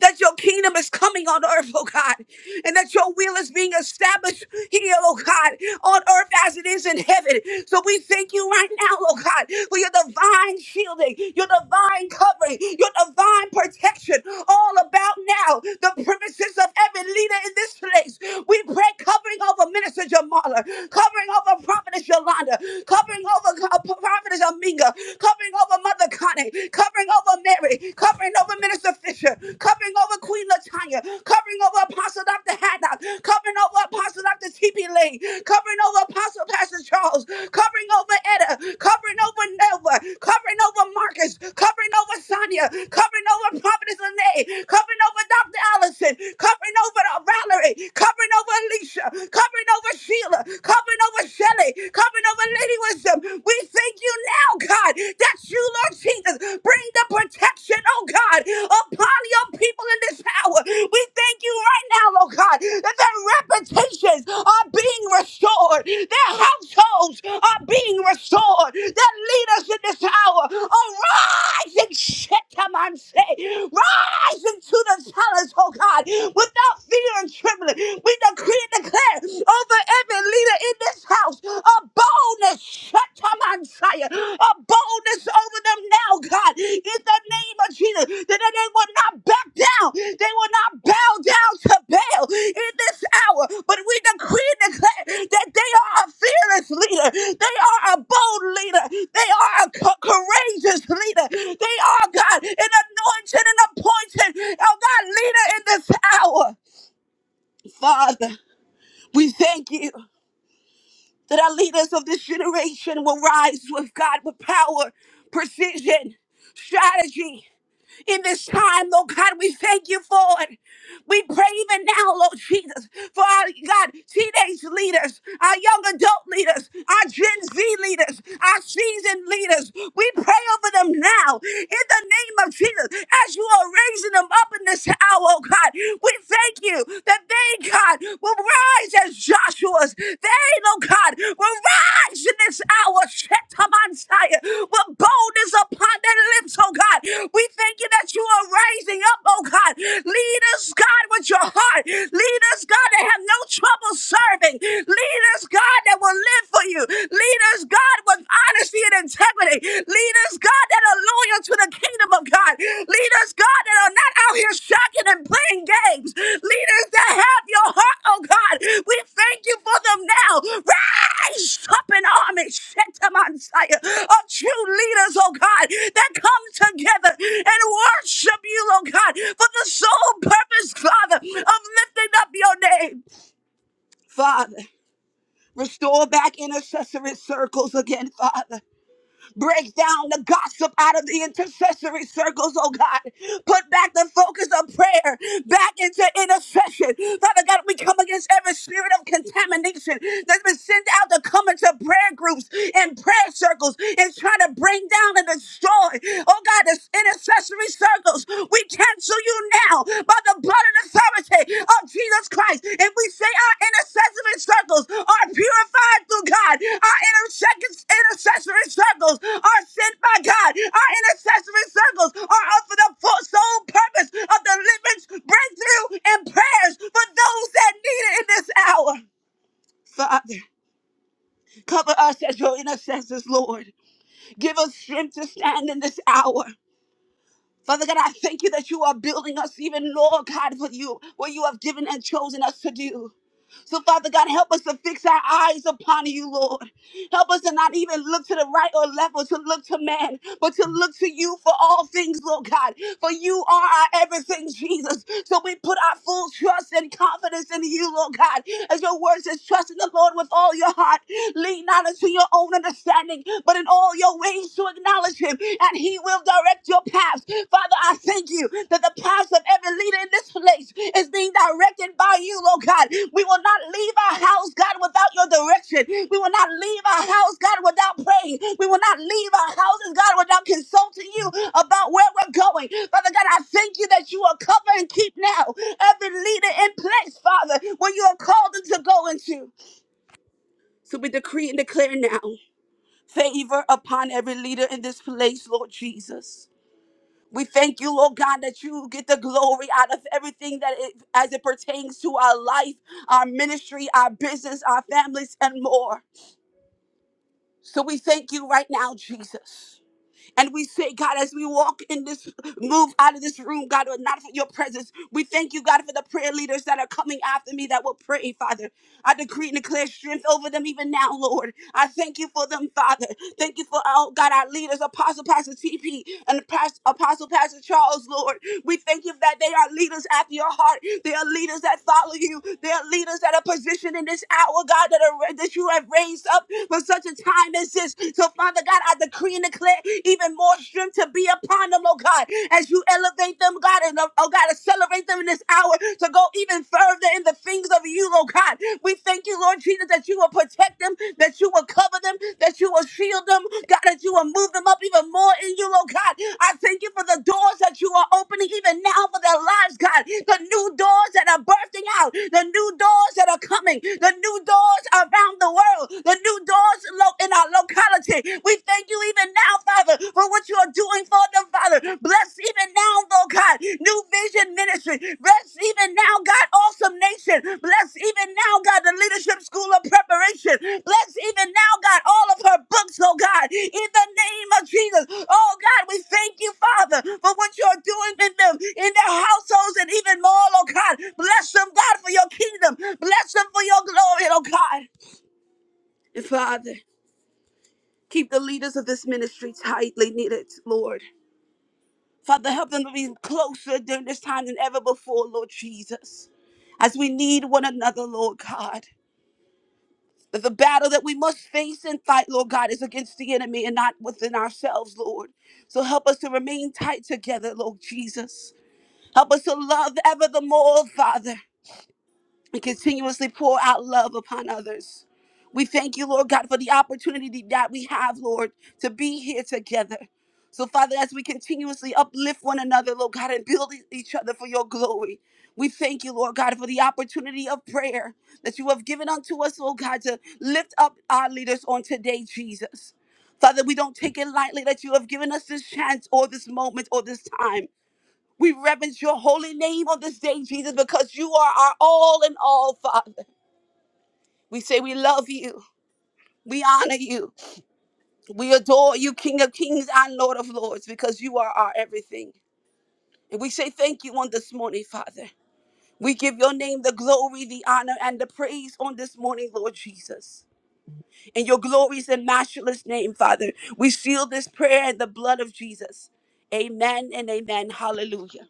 S2: that your kingdom is coming on earth, oh God, and that your will is being established here, oh God, on earth as it is in heaven. So we thank you right now, oh God, for your divine shielding, your divine covering, your divine protection all about now. The premises of every leader in this place. We pray covering over Minister Jamala, covering over Prophetess Yolanda, covering over uh, Prophetess Aminga, covering over Mother Connie, covering over Mary, covering over Minister Fisher, covering over Queen Latanya, covering over Apostle Dr. Haddock, covering over Apostle Dr. T.P. Lane, covering over Apostle Pastor Charles, covering over Etta, covering over Nova, covering over Marcus, covering over Sonia, covering over Prophetess Lene, covering over Dr. Allison, covering over Valerie, covering over Alicia, covering over Sheila, covering over Shelley, covering over Lady Wisdom, we thank you now, God, that you, Lord Jesus, bring the protection, oh God, upon your people in this hour. We thank you right now, Lord God, that their reputations are being restored, their households are being restored, their leaders in this hour are rising. Shit, come on, say, rising to the challenge, oh God, without fear and trembling. We decree and declare over every leader in this house a boldness, Shatamansaya, a boldness over them now, God, in the name of Jesus, that they will not back down, they will not bow down to Baal in this hour, but we decree and declare that they are a fearless leader, they are a bold leader, they are a co- courageous leader, they are, God, an anointed and appointed, oh God, leader in this hour, Father. We thank you that our leaders of this generation will rise with God with power, precision, strategy. In this time, Lord God, we thank you for it. We pray even now, Lord Jesus, for our God, teenage leaders, our young adult leaders, our Gen Z leaders, our seasoned leaders. We pray over them now in the name of Jesus. As you are raising them up in this hour, oh God, we thank you that they, God, will rise as Joshua to There ain't no God. We're rise in this hour. Shetamansiah. With boldness upon their lips, oh God. We thank you that you are raising up, oh God. Lead us, God, with your heart. Lead us, God, that have no trouble serving. Lead us, God, that will live for you. Lead us, God, with honesty and integrity. Lead us, God, that are loyal to the kingdom of God. Lead us, God, that are not out here shocking and playing games. Lead us that have your heart, oh God. We thank you for them now. Rise up an army, set them on fire of true leaders, oh God, that come together and worship you, oh God, for the sole purpose, Father, of lifting up your name, Father. Restore back intercessory circles again, Father. Break down the gossip out of the intercessory circles, oh God. Put back the focus of prayer back into intercession. Father God, we come against every spirit of contamination that's been sent out to come into prayer groups and prayer circles and try to bring down and destroy. Oh God, this intercessory circles. We cancel you now by the blood of the authority of Jesus Christ. And we say our intercessory circles are purified through God. Our intercec- intercessory circles are sent by God. Our intercessory circles are often the full sole purpose of deliverance, breakthrough, and prayers for those that need it in this hour. Father, cover us as your intercessors, Lord. Give us strength to stand in this hour. Father God, I thank you that you are building us even more, God, for you, what you have given and chosen us to do. So, Father God, help us to fix our eyes upon you, Lord. Help us to not even look to the right or left or to look to man, but to look to you for all things, Lord God. For you are our everything, Jesus. So we put our full trust and confidence in you, Lord God. As your word says, trust in the Lord with all your heart. Lean not unto your own understanding, but in all your ways to acknowledge him, and he will direct your paths. Father, I thank you that the paths of every leader in this place is being directed by you, Lord God. We will not leave our house, God, without your direction. We will not leave our house, God, without praying. We will not leave our houses, God, without consulting you about where we're going. Father God, I thank you that you are cover and keep now every leader in place, Father, when you have called them to go into. So we decree and declare now favor upon every leader in this place, Lord Jesus. We thank you, Lord God, that you get the glory out of everything that it, as it pertains to our life, our ministry, our business, our families, and more. So we thank you right now, Jesus. And we say, God, as we walk in this, move out of this room, God, but not for your presence. We thank you, God, for the prayer leaders that are coming after me that will pray, Father. I decree and declare strength over them even now, Lord. I thank you for them, Father. Thank you for, oh God, our leaders, Apostle Pastor TP and Pas- Apostle Pastor Charles, Lord. We thank you that they are leaders after your heart. They are leaders that follow you. They are leaders that are positioned in this hour, God, that, are, that you have raised up for such a time as this. So, Father God, I decree and declare even more strength to be upon them, oh God, as you elevate them, God, and uh, oh God, accelerate them in this hour to go even further in the things of you, oh God. We thank you, Lord Jesus, that you will protect protect them, that you will cover them, that you will shield them, God, that you will move them up even more in you, Lord God. I thank you for the doors that you are opening even now for their lives, God. The new doors that are bursting out, the new doors that are coming, the new doors around the world, the new doors lo- in our locality. We thank you even now, Father, for what you are doing for them, Father. Bless even now, Lord God. New Vision Ministry. Bless even now, God, Awesome Nation. Bless even now, God, the Leadership School of Preparation. Bless even now, God, all of her books, oh God, in the name of Jesus. Oh God, we thank you, Father, for what you're doing in them, in their households, and even more, oh God. Bless them, God, for your kingdom. Bless them for your glory, oh God. And Father, keep the leaders of this ministry tightly knitted, Lord. Father, help them to be closer during this time than ever before, Lord Jesus. As we need one another, Lord God. That the battle that we must face and fight, Lord God, is against the enemy and not within ourselves, Lord. So help us to remain tight together, Lord Jesus. Help us to love ever the more, Father and continuously pour out love upon others. We thank you, Lord God, for the opportunity that we have, Lord, to be here together. So, Father, as we continuously uplift one another, Lord God, and build e- each other for your glory, we thank you, Lord God, for the opportunity of prayer that you have given unto us, Lord God, to lift up our leaders on today, Jesus. Father, we don't take it lightly that you have given us this chance or this moment or this time. We reverence your holy name on this day, Jesus, because you are our all in all, Father. We say we love you. We honor you. We adore you, King of kings and Lord of lords, because you are our everything. And we say thank you on this morning, Father. We give your name the glory, the honor, and the praise on this morning, Lord Jesus. In your glorious and matchless name, Father, we seal this prayer in the blood of Jesus. Amen and amen. Hallelujah.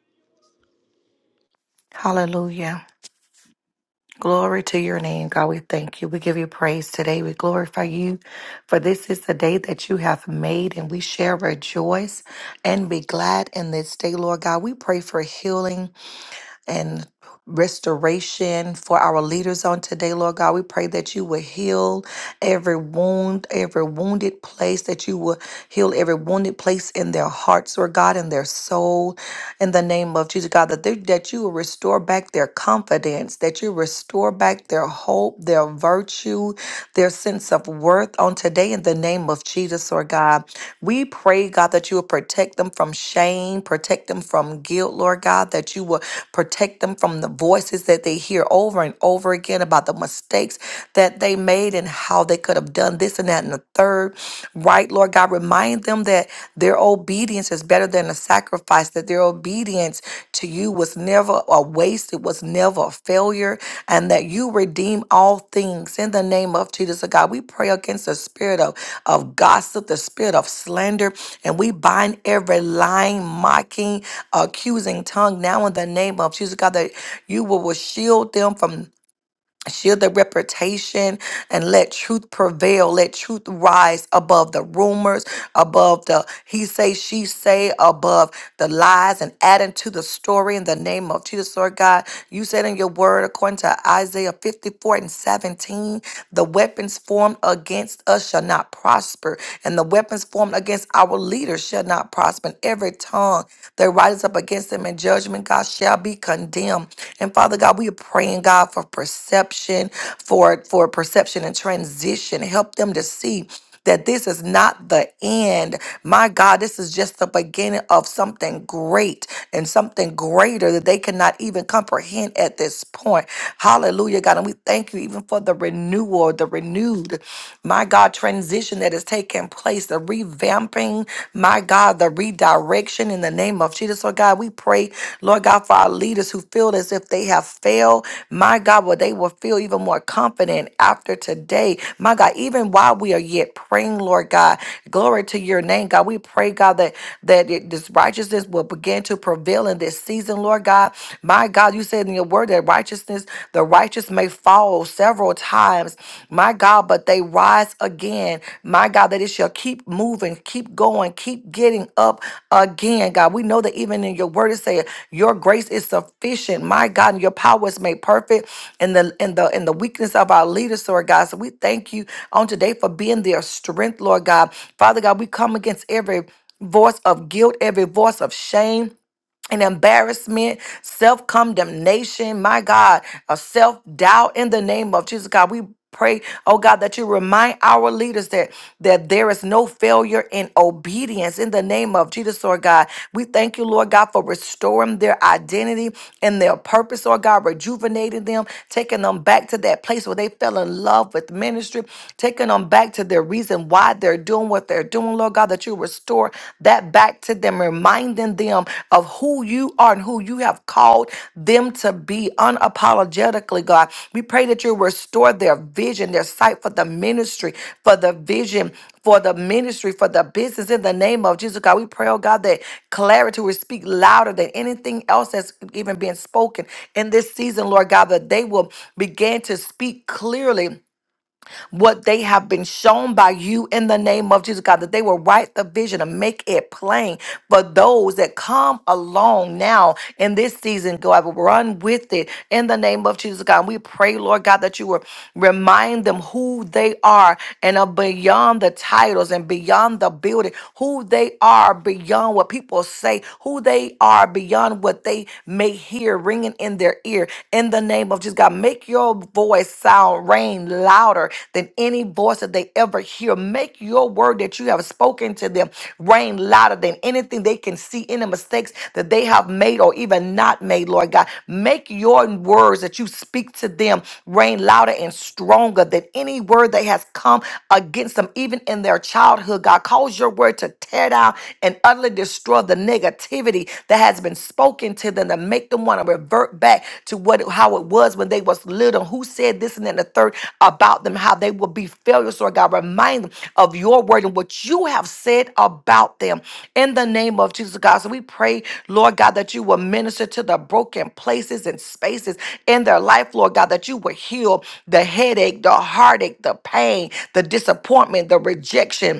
S3: Hallelujah. Glory to your name, God. We thank you. We give you praise today. We glorify you, for this is the day that you have made, and we shall rejoice and be glad in this day, Lord God. We pray for healing and restoration for our leaders on today, Lord God. We pray that you will heal every wound, every wounded place, that you will heal every wounded place in their hearts, Lord God, in their soul, in the name of Jesus, God, that, they, that you will restore back their confidence, that you restore back their hope, their virtue, their sense sense of worth on today in the name of Jesus, Lord God. We pray, God, that you will protect them from shame, protect them from guilt, Lord God, that you will protect them from the voices that they hear over and over again about the mistakes that they made and how they could have done this and that and the third. Right, Lord God, remind them that their obedience is better than a a sacrifice, that their obedience to you was never a waste, it was never a failure, and that you redeem all things in the name of Jesus. So God, we pray against the spirit of, of gossip, the spirit of slander, and we bind every lying, mocking, accusing tongue now in the name of Jesus, God, that you will, will shield them from. Shield the reputation and let truth prevail. Let truth rise above the rumors, above the he say, she say, above the lies and add into the story in the name of Jesus, Lord God. You said in your word, according to Isaiah 54 and 17, the weapons formed against us shall not prosper, and the weapons formed against our leaders shall not prosper. And every tongue that rises up against against him in judgment, God, shall be condemned. And Father God, we are praying, God, for perception, for, for perception and transition. Help them to see. That this is not the end. My God, this is just the beginning of something great and something greater that they cannot even comprehend at this point. Hallelujah, God. And we thank you even for the renewal, the renewed, my God, transition that is taking taking place, the revamping, my God, the redirection in the name of Jesus. Lord God, we pray, Lord God, for our leaders who feel as if they have failed. My God, well, they will feel even more confident after today. My God, even while we are yet praying, Lord God, glory to your name, God. We pray, God, that that it- this righteousness will begin to prevail in this season, Lord God. My God, you said in your word that righteousness, the righteous may fall several times, my God, but they rise again. My God, that it shall keep moving, keep going, keep getting up again. God, we know that even in your word it says your grace is sufficient. My God, and your power is made perfect in the in the in the weakness of our leaders, Lord God. So we thank you on today for being their strength, Lord God. Father God, we come against every voice of guilt, every voice of shame and embarrassment, self condemnation, my God, a self doubt in the name of Jesus, God. We pray, oh God, that you remind our leaders that that there is no failure in obedience in the name of Jesus, Lord God. We thank you, Lord God, for restoring their identity and their purpose, Lord God, rejuvenating them, taking them back to that place where they fell in love with ministry, taking them back to their reason why they're doing what they're doing own, Lord God, that you restore that back to them, reminding them of who you are and who you have called them to be unapologetically, God. We pray that you restore their vision, their sight for the ministry, for the vision, for the ministry, for the business in the name of Jesus, God. We pray, oh God, that clarity will speak louder than anything else that's even being spoken in this season, Lord God, that they will begin to speak clearly what they have been shown by you in the name of Jesus, God, that they will write the vision and make it plain for those that come along now in this season. God, I run with it in the name of Jesus, God. And we pray, Lord God, that you will remind them who they are and are beyond the titles and beyond the building, who they are beyond what people say, who they are beyond what they may hear ringing in their ear in the name of Jesus. God, make your voice sound rain louder than any voice that they ever hear. Make your word that you have spoken to them rain louder than anything they can see, any mistakes that they have made or even not made, Lord God. Make your words that you speak to them rain louder and stronger than any word that has come against them, even in their childhood. God, cause your word to tear down and utterly destroy the negativity negativity that has been spoken to them to make them want to revert back to what how it was when they was little. Who said this and then the third about them, how they will be failures, Lord God. Remind them of your word and what you have said about them in the name of Jesus God. So we pray, Lord God, that you will minister to the broken places and spaces in their life, Lord God, that you will heal the headache, the heartache, the pain, the disappointment, the rejection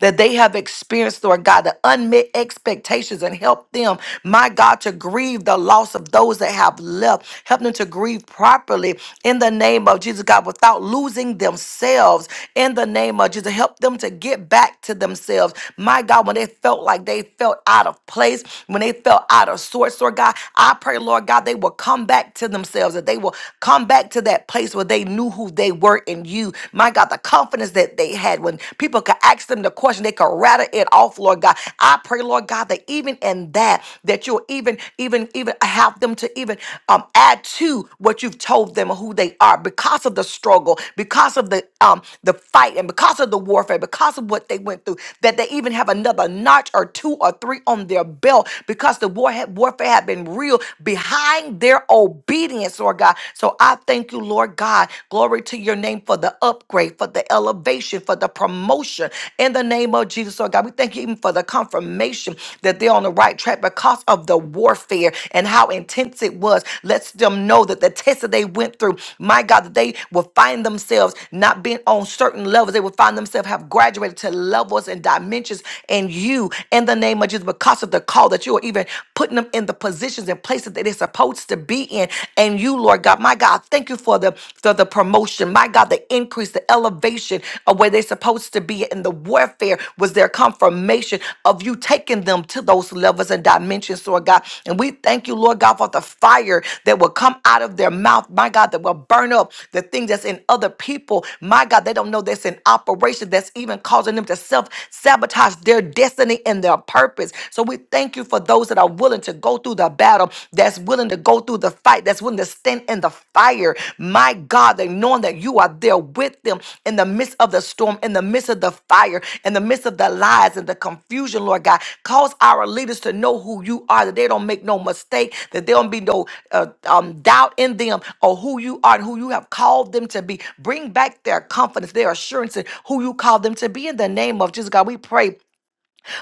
S3: that they have experienced, Lord God, the unmet expectations and help them, my God, to grieve the loss of those that have left. Help them to grieve properly in the name of Jesus, God, without losing themselves in the name of Jesus. Help them to get back to themselves. My God, when they felt like they felt out of place, when they felt out of sorts, Lord God, I pray, Lord God, they will come back to themselves, that they will come back to that place where they knew who they were in you. My God, God, the confidence that they had when people could ask them the question, they could rattle it off, Lord God. I pray, Lord God, that even in that, that you'll even, even, even have them to even um, add to what you've told them who they are because of the struggle, because of the um the fight, and because of the warfare, because of what they went through, that they even have another notch or two or three on their belt because the war had, warfare had been real behind their obedience, Lord God. So I thank you thank you, Lord God. Glory to your name for the upgrade, for the elevation, for the promotion. In the name of Jesus, Lord God, we thank you even for the confirmation that they're on the right track because of the warfare and how intense it was. let them know that the test that they went through, my God, that they will find themselves not being on certain levels. They will find themselves have graduated to levels and dimensions in you in the name of Jesus because of the call that you are even putting them in the positions and places that they're supposed supposed to be in. And you, Lord God, my God, thank you for the for the promotion, my God, the increase, the elevation of where they're supposed to be. And the warfare was their confirmation of you taking them to those levels and dimensions, Lord God. And we thank you, Lord God, for the fire that will come out of their mouth, my God, that will burn up the things that's in other people. My God, they don't know that's in operation that's even causing them to self sabotage their destiny and their purpose. So we thank you for for those that are willing to go through the battle, that's willing to go through the fight, that's willing to stand in the fire. My God, they knowing that you are there with them in the midst of the storm, in the midst of the fire, in the midst of the lies and the confusion, Lord God. Cause our leaders to know who you are, that they don't make no mistake, that there don't be no uh, um, doubt in them or who you are and who you have called them to be. Bring back their confidence, their assurance in who you called them to be in the name of Jesus, God. We pray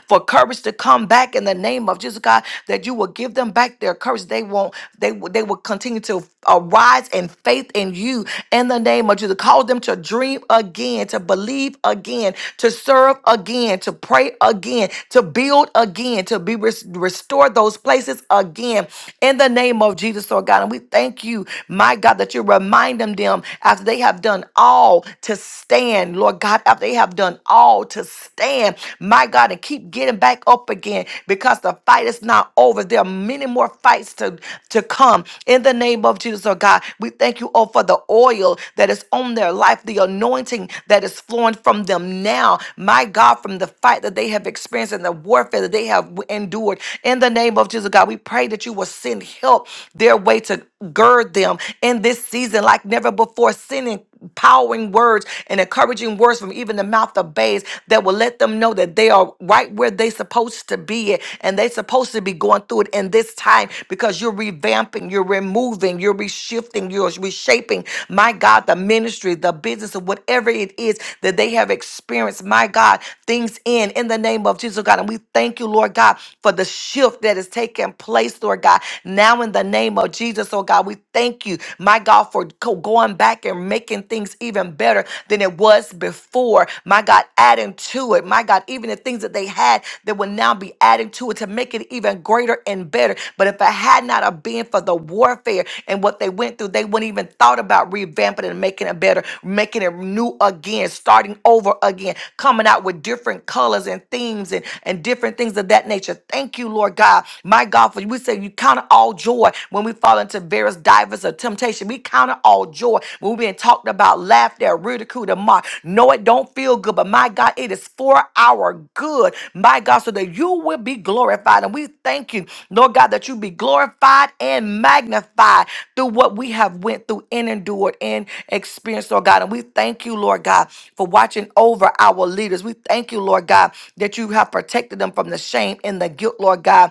S3: for courage to come back in the name of Jesus God that you will give them back their courage they won't they will they will continue to arise in faith in you in the name of Jesus call them to dream again to believe again to serve again to pray again to build again to be res- restore those places again in the name of Jesus Lord God and we thank you my God that you remind them them after they have done all to stand Lord God after they have done all to stand, my God, and keep getting back up again because the fight is not over. There are many more fights to, to come in the name of Jesus, oh God. We thank you, oh, for the oil that is on their life, the anointing that is flowing from them now, my God, from the fight that they have experienced and the warfare that they have endured. In the name of Jesus, God, we pray that you will send help their way to gird them in this season like never before, sending empowering words and encouraging words from even the mouth of babes that will let them know that they are right where they supposed to be at, and they supposed to be going through it in this time because you're revamping, you're removing, you're reshifting, you're reshaping, my God, the ministry, the business, or whatever it is that they have experienced, my God, things in, in the name of Jesus, God. And we thank you, Lord God, for the shift that is taking place, Lord God, now in now in the name of Jesus, oh God, we thank you, my God, for co- going back and making things even better than it was before. My God, adding to it, my God, even the things that they had that will now be added to it to make it even greater and better. But if it had not have been for the warfare and what they went through, they wouldn't even thought about revamping it and making it better, making it new again, starting over again, coming out with different colors and themes and, and different things of that nature. Thank you, Lord God, my God, for you said, You count it all joy when we fall into various divers of temptation. We count it all joy when we're being talked about, laughed at, ridiculed, and mocked. No, it don't feel good, but my God, it is for our good, my God, so that you will be glorified. And we thank you, Lord God, that you be glorified and magnified through what we have went through and endured and experienced, Lord God. And we thank you, Lord God, for watching over our leaders. We thank you, Lord God, that you have protected them from the shame and the guilt, Lord God.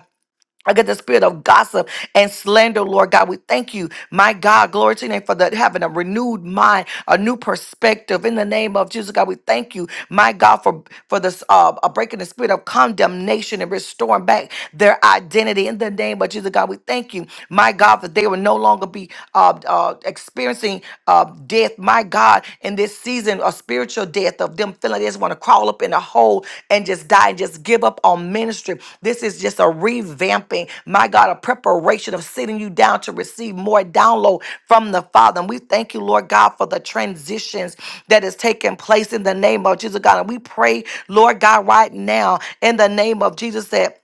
S3: Against the spirit of gossip and slander, Lord God. We thank you, my God. Glory to your name for that having a renewed mind, a new perspective. In the name of Jesus, God, we thank you, my God, for for this uh uh, breaking the spirit of condemnation and restoring back their identity. In the name of Jesus, God, we thank you, my God, that they will no longer be uh, uh experiencing uh death, my God. God, in this season of spiritual death, of them feeling like they just want to crawl up in a hole and just die and just give up on ministry. This is just a revamping, my God, a preparation of sitting you down to receive more download from the Father. And we thank you, Lord God, for the transitions that is taking place in the name of Jesus, God. And we pray, Lord God, right now, in the name of Jesus, that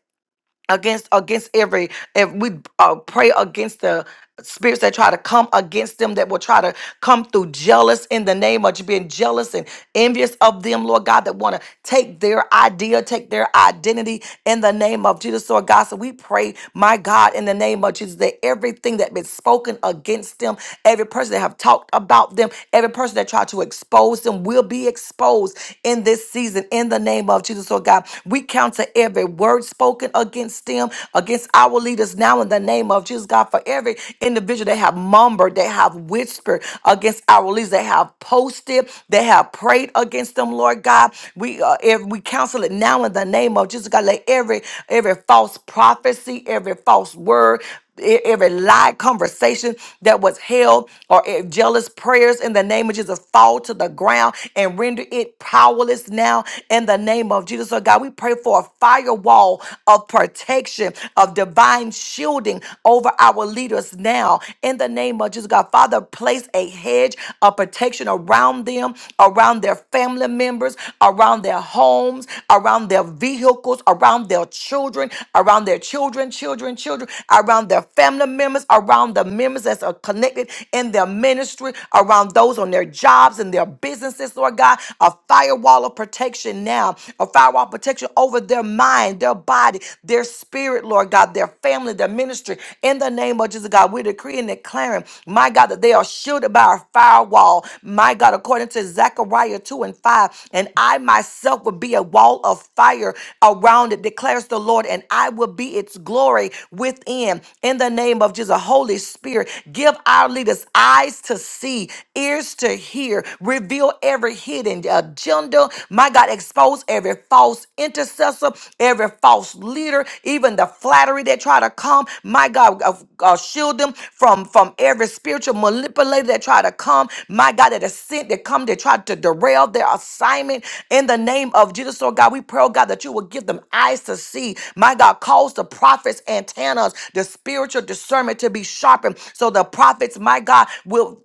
S3: against against every if we uh, pray against the spirits that try to come against them that will try to come through jealous in the name of you being jealous and envious of them lord god that want to take their idea take their identity in the name of jesus lord god so we pray my god in the name of jesus that everything that been spoken against them every person that have talked about them every person that tried to expose them will be exposed in this season in the name of jesus lord god we count to every word spoken against them, against our leaders now in the name of Jesus, God, for every individual they have mumbled, they have whispered against our leaders, they have posted, they have prayed against them, Lord God. We uh, if we counsel it now in the name of Jesus, God. Let every every false prophecy, every false word, e- every lie conversation that was held or e- jealous prayers in the name of Jesus fall to the ground and render it powerless now in the name of Jesus. So God, we pray for a firewall of protection, of divine shielding over our leaders now in the name of Jesus. God, Father, place a hedge of protection around them, around their family members, around their homes, around their vehicles, around their children, around their children, children, children, around their family members, around the members that are connected in their ministry, around those on their jobs and their businesses, Lord God. A firewall of protection now, a firewall of protection over their mind, their body, their spirit, Lord God, their family, their ministry. In the name of Jesus, God, we decree and and declaring, my God, that they are shielded by a firewall. My God, according to Zechariah 2 and 5, and I myself will be a wall of fire around it, declares the Lord, and I will be its glory within. In the name of Jesus, Holy Spirit, give our leaders eyes to see, ears to hear, reveal every hidden agenda. My God, expose every false intercessor, every false leader, even the flattery that try to come. My God, uh, uh, shield them from from every spiritual manipulator that try to come. My God, that is sent that come to try to derail their assignment. In the name of Jesus, Lord God, we pray, oh God, that you will give them eyes to see. My God, cause the prophets' antennas, the spiritual discernment to be sharpened, so the prophets, my God, will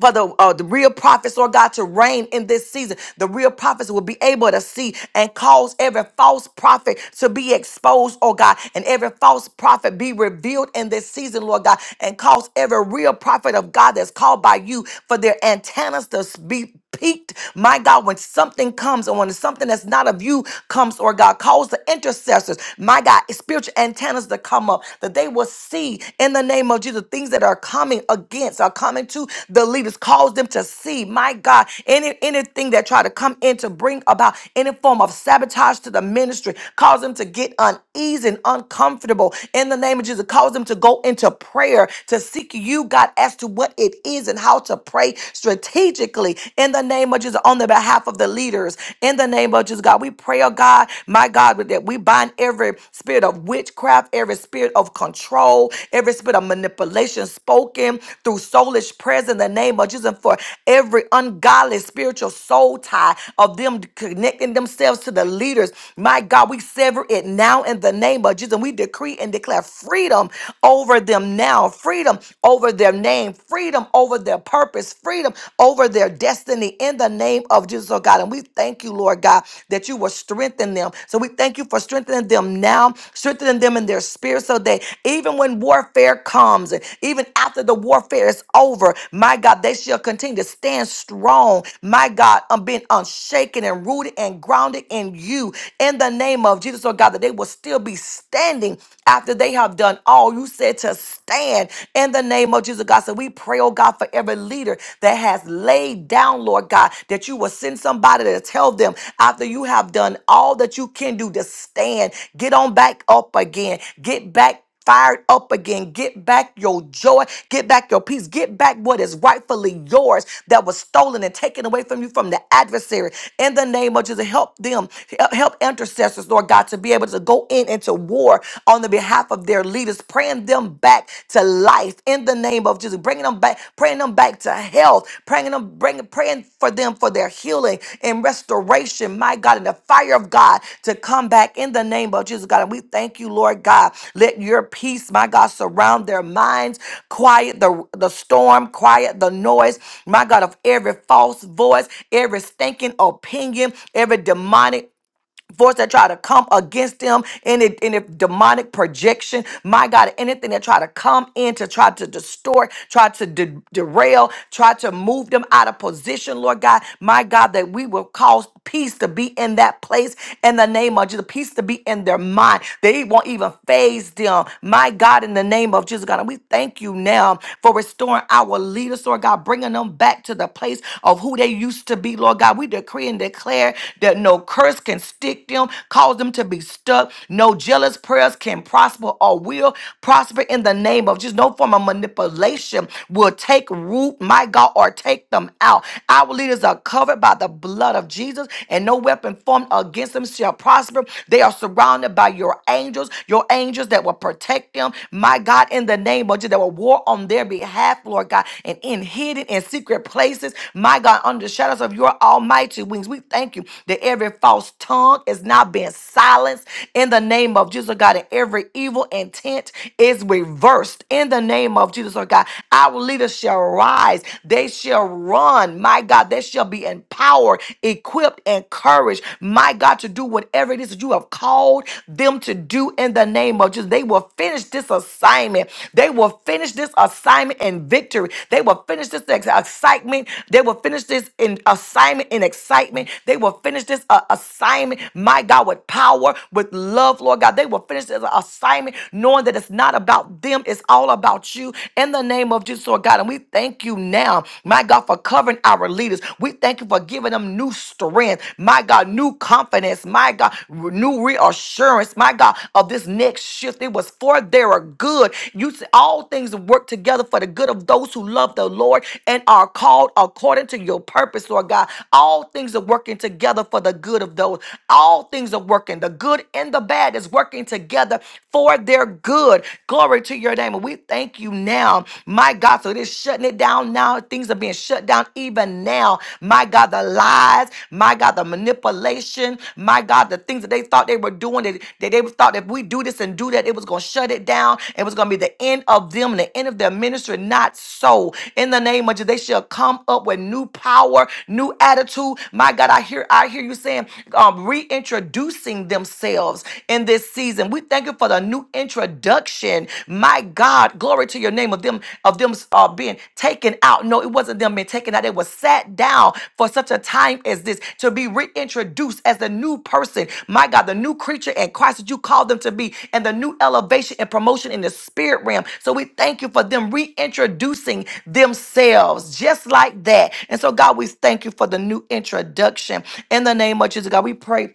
S3: for the uh, the real prophets, Lord God, to reign in this season. The real prophets will be able to see and cause every false prophet to be exposed, oh God, and every false prophet be revealed in this season, Lord God, and cause every real prophet of God that's called by you for their antennas to be peaked, my God, when something comes and when something that's not of you comes, or God calls the intercessors, my God, spiritual antennas to come up, that they will see in the name of Jesus things that are coming against, are coming to the leaders, cause them to see, my God, any anything that try to come in to bring about any form of sabotage to the ministry, cause them to get uneasy and uncomfortable in the name of Jesus, cause them to go into prayer to seek you, God, as to what it is and how to pray strategically in the name of Jesus on the behalf of the leaders. In the name of Jesus, God, we pray, oh God, my God, with that we bind every spirit of witchcraft, every spirit of control, every spirit of manipulation spoken through soulish prayers in the name of Jesus, and for every ungodly spiritual soul tie of them connecting themselves to the leaders. My God, we sever it now in the name of Jesus. And we decree and declare freedom over them now. Freedom freedom over their name, freedom over their purpose, freedom over their destiny in the name of Jesus, oh God. And we thank you, Lord God, that you will strengthen them. So we thank you for strengthening them now, strengthening them in their spirit so that even when warfare comes, and even after the warfare is over, my God, they shall continue to stand strong, my God, I'm being unshaken and rooted and grounded in you in the name of Jesus, oh God, that they will still be standing after they have have done all. You said to stand in the name of Jesus, God. So we pray, oh God, for every leader that has laid down, Lord God, that you will send somebody to tell them after you have done all that you can do to stand, get on back up again, get back back fired up again. Get back your joy. Get back your peace. Get back what is rightfully yours that was stolen and taken away from you from the adversary. In the name of Jesus, help them, help help intercessors, Lord God, to be able to go in into war on the behalf of their leaders, praying them back to life in the name of Jesus, bringing them back, praying them back to health health, praying them, bring, praying for them for their healing and restoration, my God, and the fire of God to come back in the name of Jesus, God. And we thank you, Lord God. Let your peace, my God, surround their minds, quiet the, the storm, quiet the noise, my God, of every false voice, every stinking opinion, every demonic force that try to come against them any any demonic projection my god anything that try to come in to try to distort try to de- derail try to move them out of position lord god my god that we will cause peace to be in that place in the name of jesus peace to be in their mind they won't even phase them my god in the name of jesus god and we thank you now for restoring our leaders lord god bringing them back to the place of who they used to be lord god we decree and declare that no curse can stick contradict them, cause them to be stuck. No jealous prayers can prosper or will prosper in the name of just no form of manipulation will take root, my God, or take them out. Our leaders are covered by the blood of Jesus, and no weapon formed against them shall prosper. They are surrounded by your angels, your angels that will protect them, my God, in the name of Jesus, that will war on their behalf, Lord God, and in hidden and secret places, my God, under the shadows of your almighty wings. We thank you that every false tongue tongue is now being silenced in the name of Jesus, oh God. And every evil intent is reversed in the name of Jesus, oh God. Our leaders shall rise, they shall run, my God. They shall be empowered, equipped, encouraged, my God, to do whatever it is that you have called them to do in the name of Jesus. They will finish this assignment. They will finish this assignment in victory. They will finish this ex- excitement. They will finish this in assignment in excitement. They will finish this uh, assignment my God, with power, with love, Lord God. They will finish this assignment knowing that it's not about them, it's all about you in the name of Jesus, Lord God. And we thank you now, my God, for covering our leaders. We thank you for giving them new strength, my God, new confidence, my God, new reassurance, my God, of this next shift. It was for their good. You said all things work together for the good of those who love the Lord and are called according to your purpose, Lord God. All things are working together for the good of those all things are working, the good and the bad is working together for their good. Glory to your name. And we thank you now, my God. So it is shutting it down now. Things are being shut down even now. My God, the lies, my God, the manipulation, my God, the things that they thought they were doing, that, that they thought if we do this and do that, it was going to shut it down. It was going to be the end of them and the end of their ministry. Not so. In the name of Jesus, they shall come up with new power, new attitude. My God, I hear, I hear you saying, um, reintroducing themselves in this season. We thank you for the new introduction. My God, glory to your name of them of them uh, being taken out. No, it wasn't them being taken out. They were sat down for such a time as this to be reintroduced as the new person. My God, the new creature in Christ that you called them to be, and the new elevation and promotion in the spirit realm. So we thank you for them reintroducing themselves just like that. And so, God, we thank you for the new introduction in the name of Jesus. God, we pray.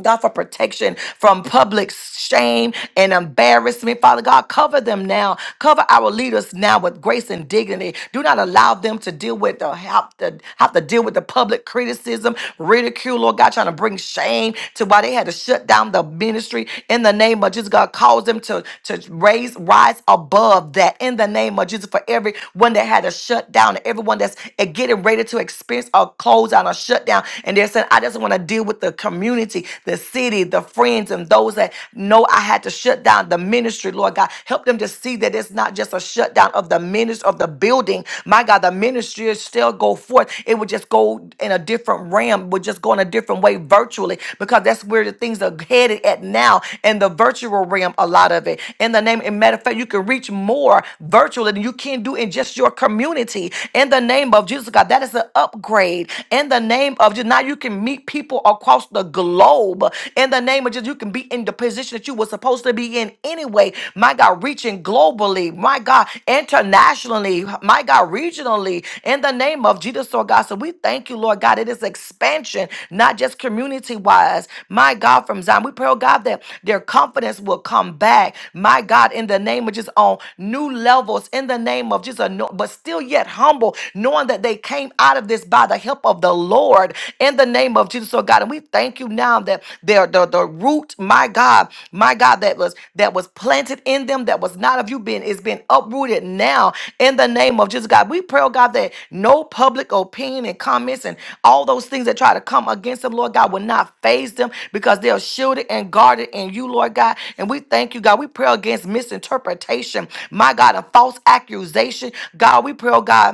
S3: God, for protection from public shame and embarrassment. Father God, cover them now. Cover our leaders now with grace and dignity. Do not allow them to deal with or have to, have to deal with the public criticism, ridicule, Lord God, trying to bring shame to why they had to shut down the ministry in the name of Jesus. God, cause them to, to raise, rise above that in the name of Jesus for everyone that had to shut down, everyone that's eh, getting ready to experience or close down or shut down. And they're saying, I just want to want to deal with the community, the city, the friends, and those that know I had to shut down the ministry, Lord God. Help them to see that it's not just a shutdown of the ministry of the building. My God, the ministry will still go forth. It would just go in a different realm, would just go in a different way virtually, because that's where the things are headed at now in the virtual realm, a lot of it. In the name, and matter of fact, you can reach more virtually than you can do in just your community. In the name of Jesus, God, that is an upgrade. In the name name of Jesus. Now you can meet people across the globe. In the name of Jesus, you can be in the position that you were supposed to be in anyway. My God, reaching globally. My God, internationally. My God, regionally. In the name of Jesus, Lord God. So we thank you, Lord God. It is expansion, not just community wise. My God, from Zion. We pray, oh God, that their confidence will come back. My God, in the name of just on new levels, in the name of just a no, but still yet humble, knowing that they came out out of this by the help of the Lord in the name of Jesus, oh God. And we thank you now that the, the, the root, my God, my God, that was that was planted in them that was not of you being is being uprooted now in the name of Jesus, God. We pray, oh God, that no public opinion and comments and all those things that try to come against them, Lord God, will not phase them because they are shielded and guarded in you, Lord God. And we thank you, God. We pray against misinterpretation, my God, and false accusation. God, we pray, oh God.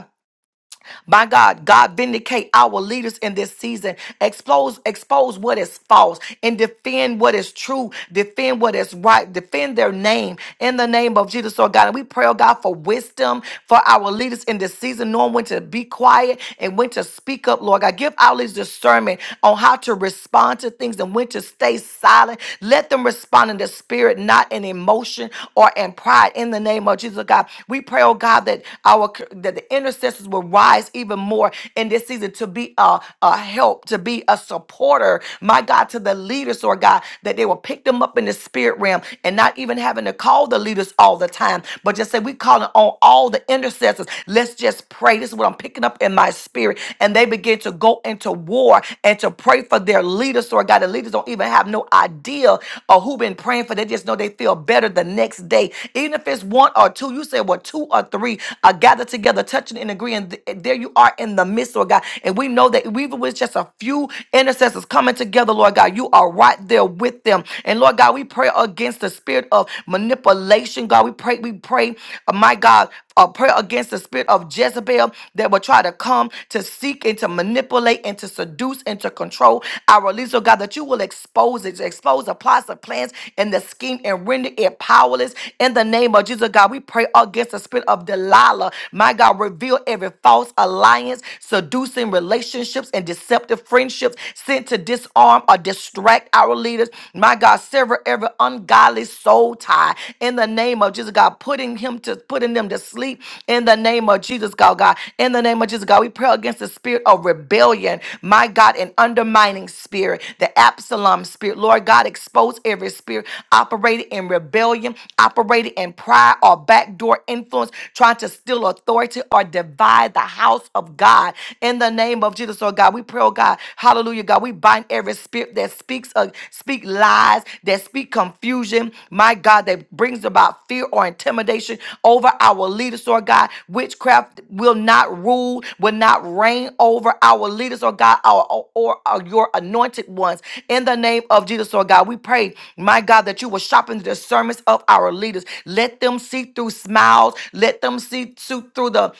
S3: My God, God vindicate our leaders in this season. Expose, expose what is false and defend what is true. Defend what is right. Defend their name in the name of Jesus. So God, and we pray, oh God, for wisdom for our leaders in this season, knowing when to be quiet and when to speak up, Lord God. Give our leaders discernment on how to respond to things and when to stay silent. Let them respond in the spirit, not in emotion or in pride. In the name of Jesus, oh God, we pray, oh God, that our that the intercessors will rise rise even more in this season to be a, a help, to be a supporter, my God, to the leaders, Lord God, that they will pick them up in the spirit realm and not even having to call the leaders all the time, but just say, we calling on all the intercessors. Let's just pray. This is what I'm picking up in my spirit. And they begin to go into war and to pray for their leaders, Lord God. The leaders don't even have no idea of who been praying for. They just know they feel better the next day. Even if it's one or two, you say, well, two or three are gathered together, touching and agreeing th- eh, there you are in the midst, Lord God. And we know that even with just a few intercessors coming together, Lord God, you are right there with them. And Lord God, we pray against the spirit of manipulation, God. We pray, we pray, uh, my God, a prayer against the spirit of Jezebel that will try to come to seek and to manipulate and to seduce and to control our release, oh God, that you will expose it, expose the plots of plans and the scheme and render it powerless in the name of Jesus, God. We pray against the spirit of Delilah, my God, reveal every every false alliance, seducing relationships, and deceptive friendships sent to disarm or distract our leaders. My God, sever every ungodly soul tie in the name of Jesus, God, putting him to putting them to sleep in the name of Jesus, God, God. In the name of Jesus, God, we pray against the spirit of rebellion, my God, an undermining spirit, the Absalom spirit. Lord God, expose every spirit operating in rebellion, operating in pride or backdoor influence, trying to steal authority or divide the house of God in the name of Jesus. Oh God, we pray, oh God, hallelujah, God. We bind every spirit that speaks, uh, speak lies, that speak confusion, my God, that brings about fear or intimidation over our leaders, oh God. Witchcraft will not rule, will not reign over our leaders, oh God, our, or, or or your anointed ones. In the name of Jesus, oh God, we pray, my God, that you will sharpen the discernments of our leaders. Let them see through smiles. Let them see through through the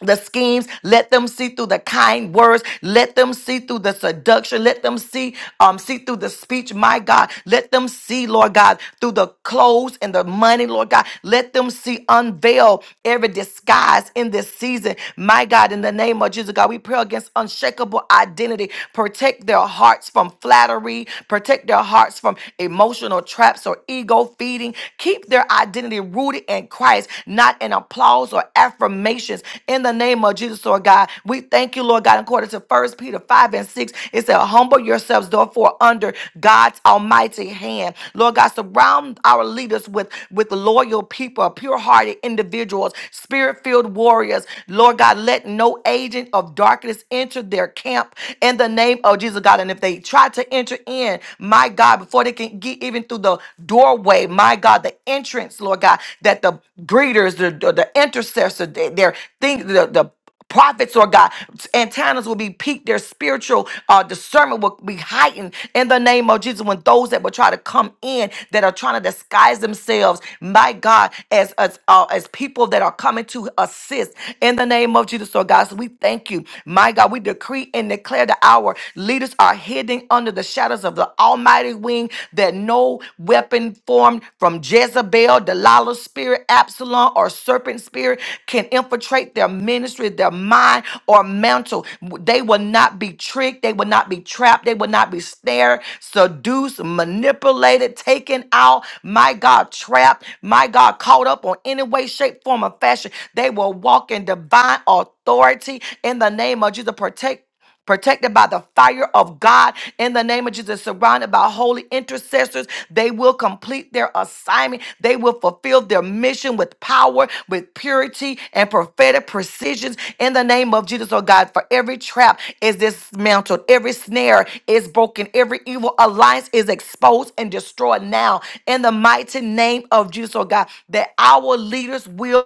S3: the schemes. Let them see through the kind words. Let them see through the seduction. Let them see, um, see through the speech. My God, let them see, Lord God, through the clothes and the money, Lord God. Let them see unveil every disguise in this season. My God, in the name of Jesus, God, we pray against unshakable identity. Protect their hearts from flattery. Protect their hearts from emotional traps or ego feeding. Keep their identity identity rooted in Christ, not in applause or affirmations. In the name of Jesus, Lord God, we thank you, Lord God, according to First Peter 5 and 6. It said, Humble yourselves, therefore, under God's almighty hand. Lord God, surround our leaders with, with loyal people, pure hearted individuals, spirit filled warriors. Lord God, let no agent of darkness enter their camp in the name of Jesus, God. And if they try to enter in, my God, before they can get even through the doorway, my God, the entrance, Lord God, that the greeters, the, the, the intercessor, they- their thing, the, the prophets or God antennas will be peaked, their spiritual uh, discernment will be heightened in the name of Jesus. When those that will try to come in that are trying to disguise themselves, my God, as as, uh, as people that are coming to assist in the name of Jesus, Lord God. So we thank you, my God. God, we decree and declare that our leaders are hidden under the shadows of the Almighty wing, that no weapon formed from Jezebel, Delilah's spirit, Absalom, or serpent spirit can infiltrate their ministry, their mind, or mantle. They will not be tricked. They will not be trapped. They will not be snared, seduced, manipulated, taken out. My God, trapped. My God, caught up on any way, shape, form, or form of fashion. They will walk in divine authority in the name of Jesus. Protect protected by the fire of God in the name of Jesus, surrounded by holy intercessors. They will complete their assignment. They will fulfill their mission with power, with purity, and prophetic precisions in the name of Jesus, oh God. For every trap is dismantled, every snare is broken, every evil alliance is exposed and destroyed now in the mighty name of Jesus, oh God, that our leaders will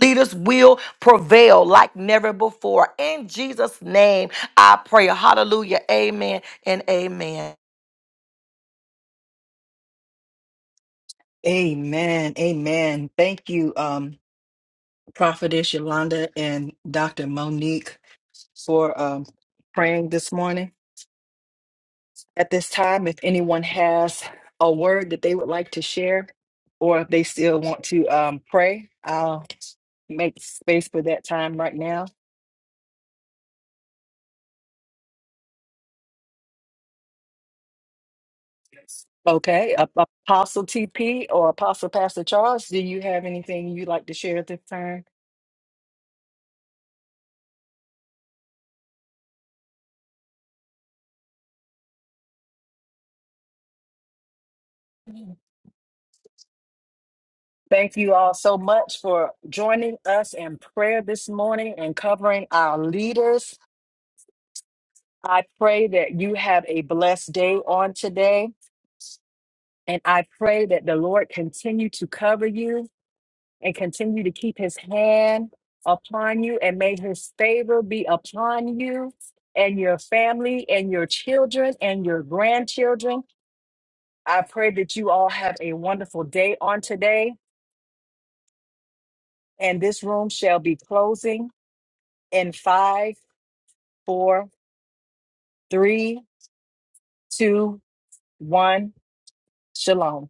S3: leaders will prevail like never before. In Jesus' name, I pray. Hallelujah. Amen and amen.
S1: Amen. Amen. Thank you. um. Prophetess Yolanda and Dr. Monique for um, praying this morning. At this time, if anyone has a word that they would like to share, or if they still want to um, pray, I'll make space for that time right now. Okay, Ap- Apostle TP or Apostle Pastor Charles, do you have anything you'd like to share at this time? Thank you all so much for joining us in prayer this morning and covering our leaders I pray that you have a blessed day on today. And I pray that the Lord continue to cover you and continue to keep his hand upon you and may his favor be upon you and your family and your children and your grandchildren. I pray that you all have a wonderful day on today. And this room shall be closing in five, four, three, two, one. Shalom.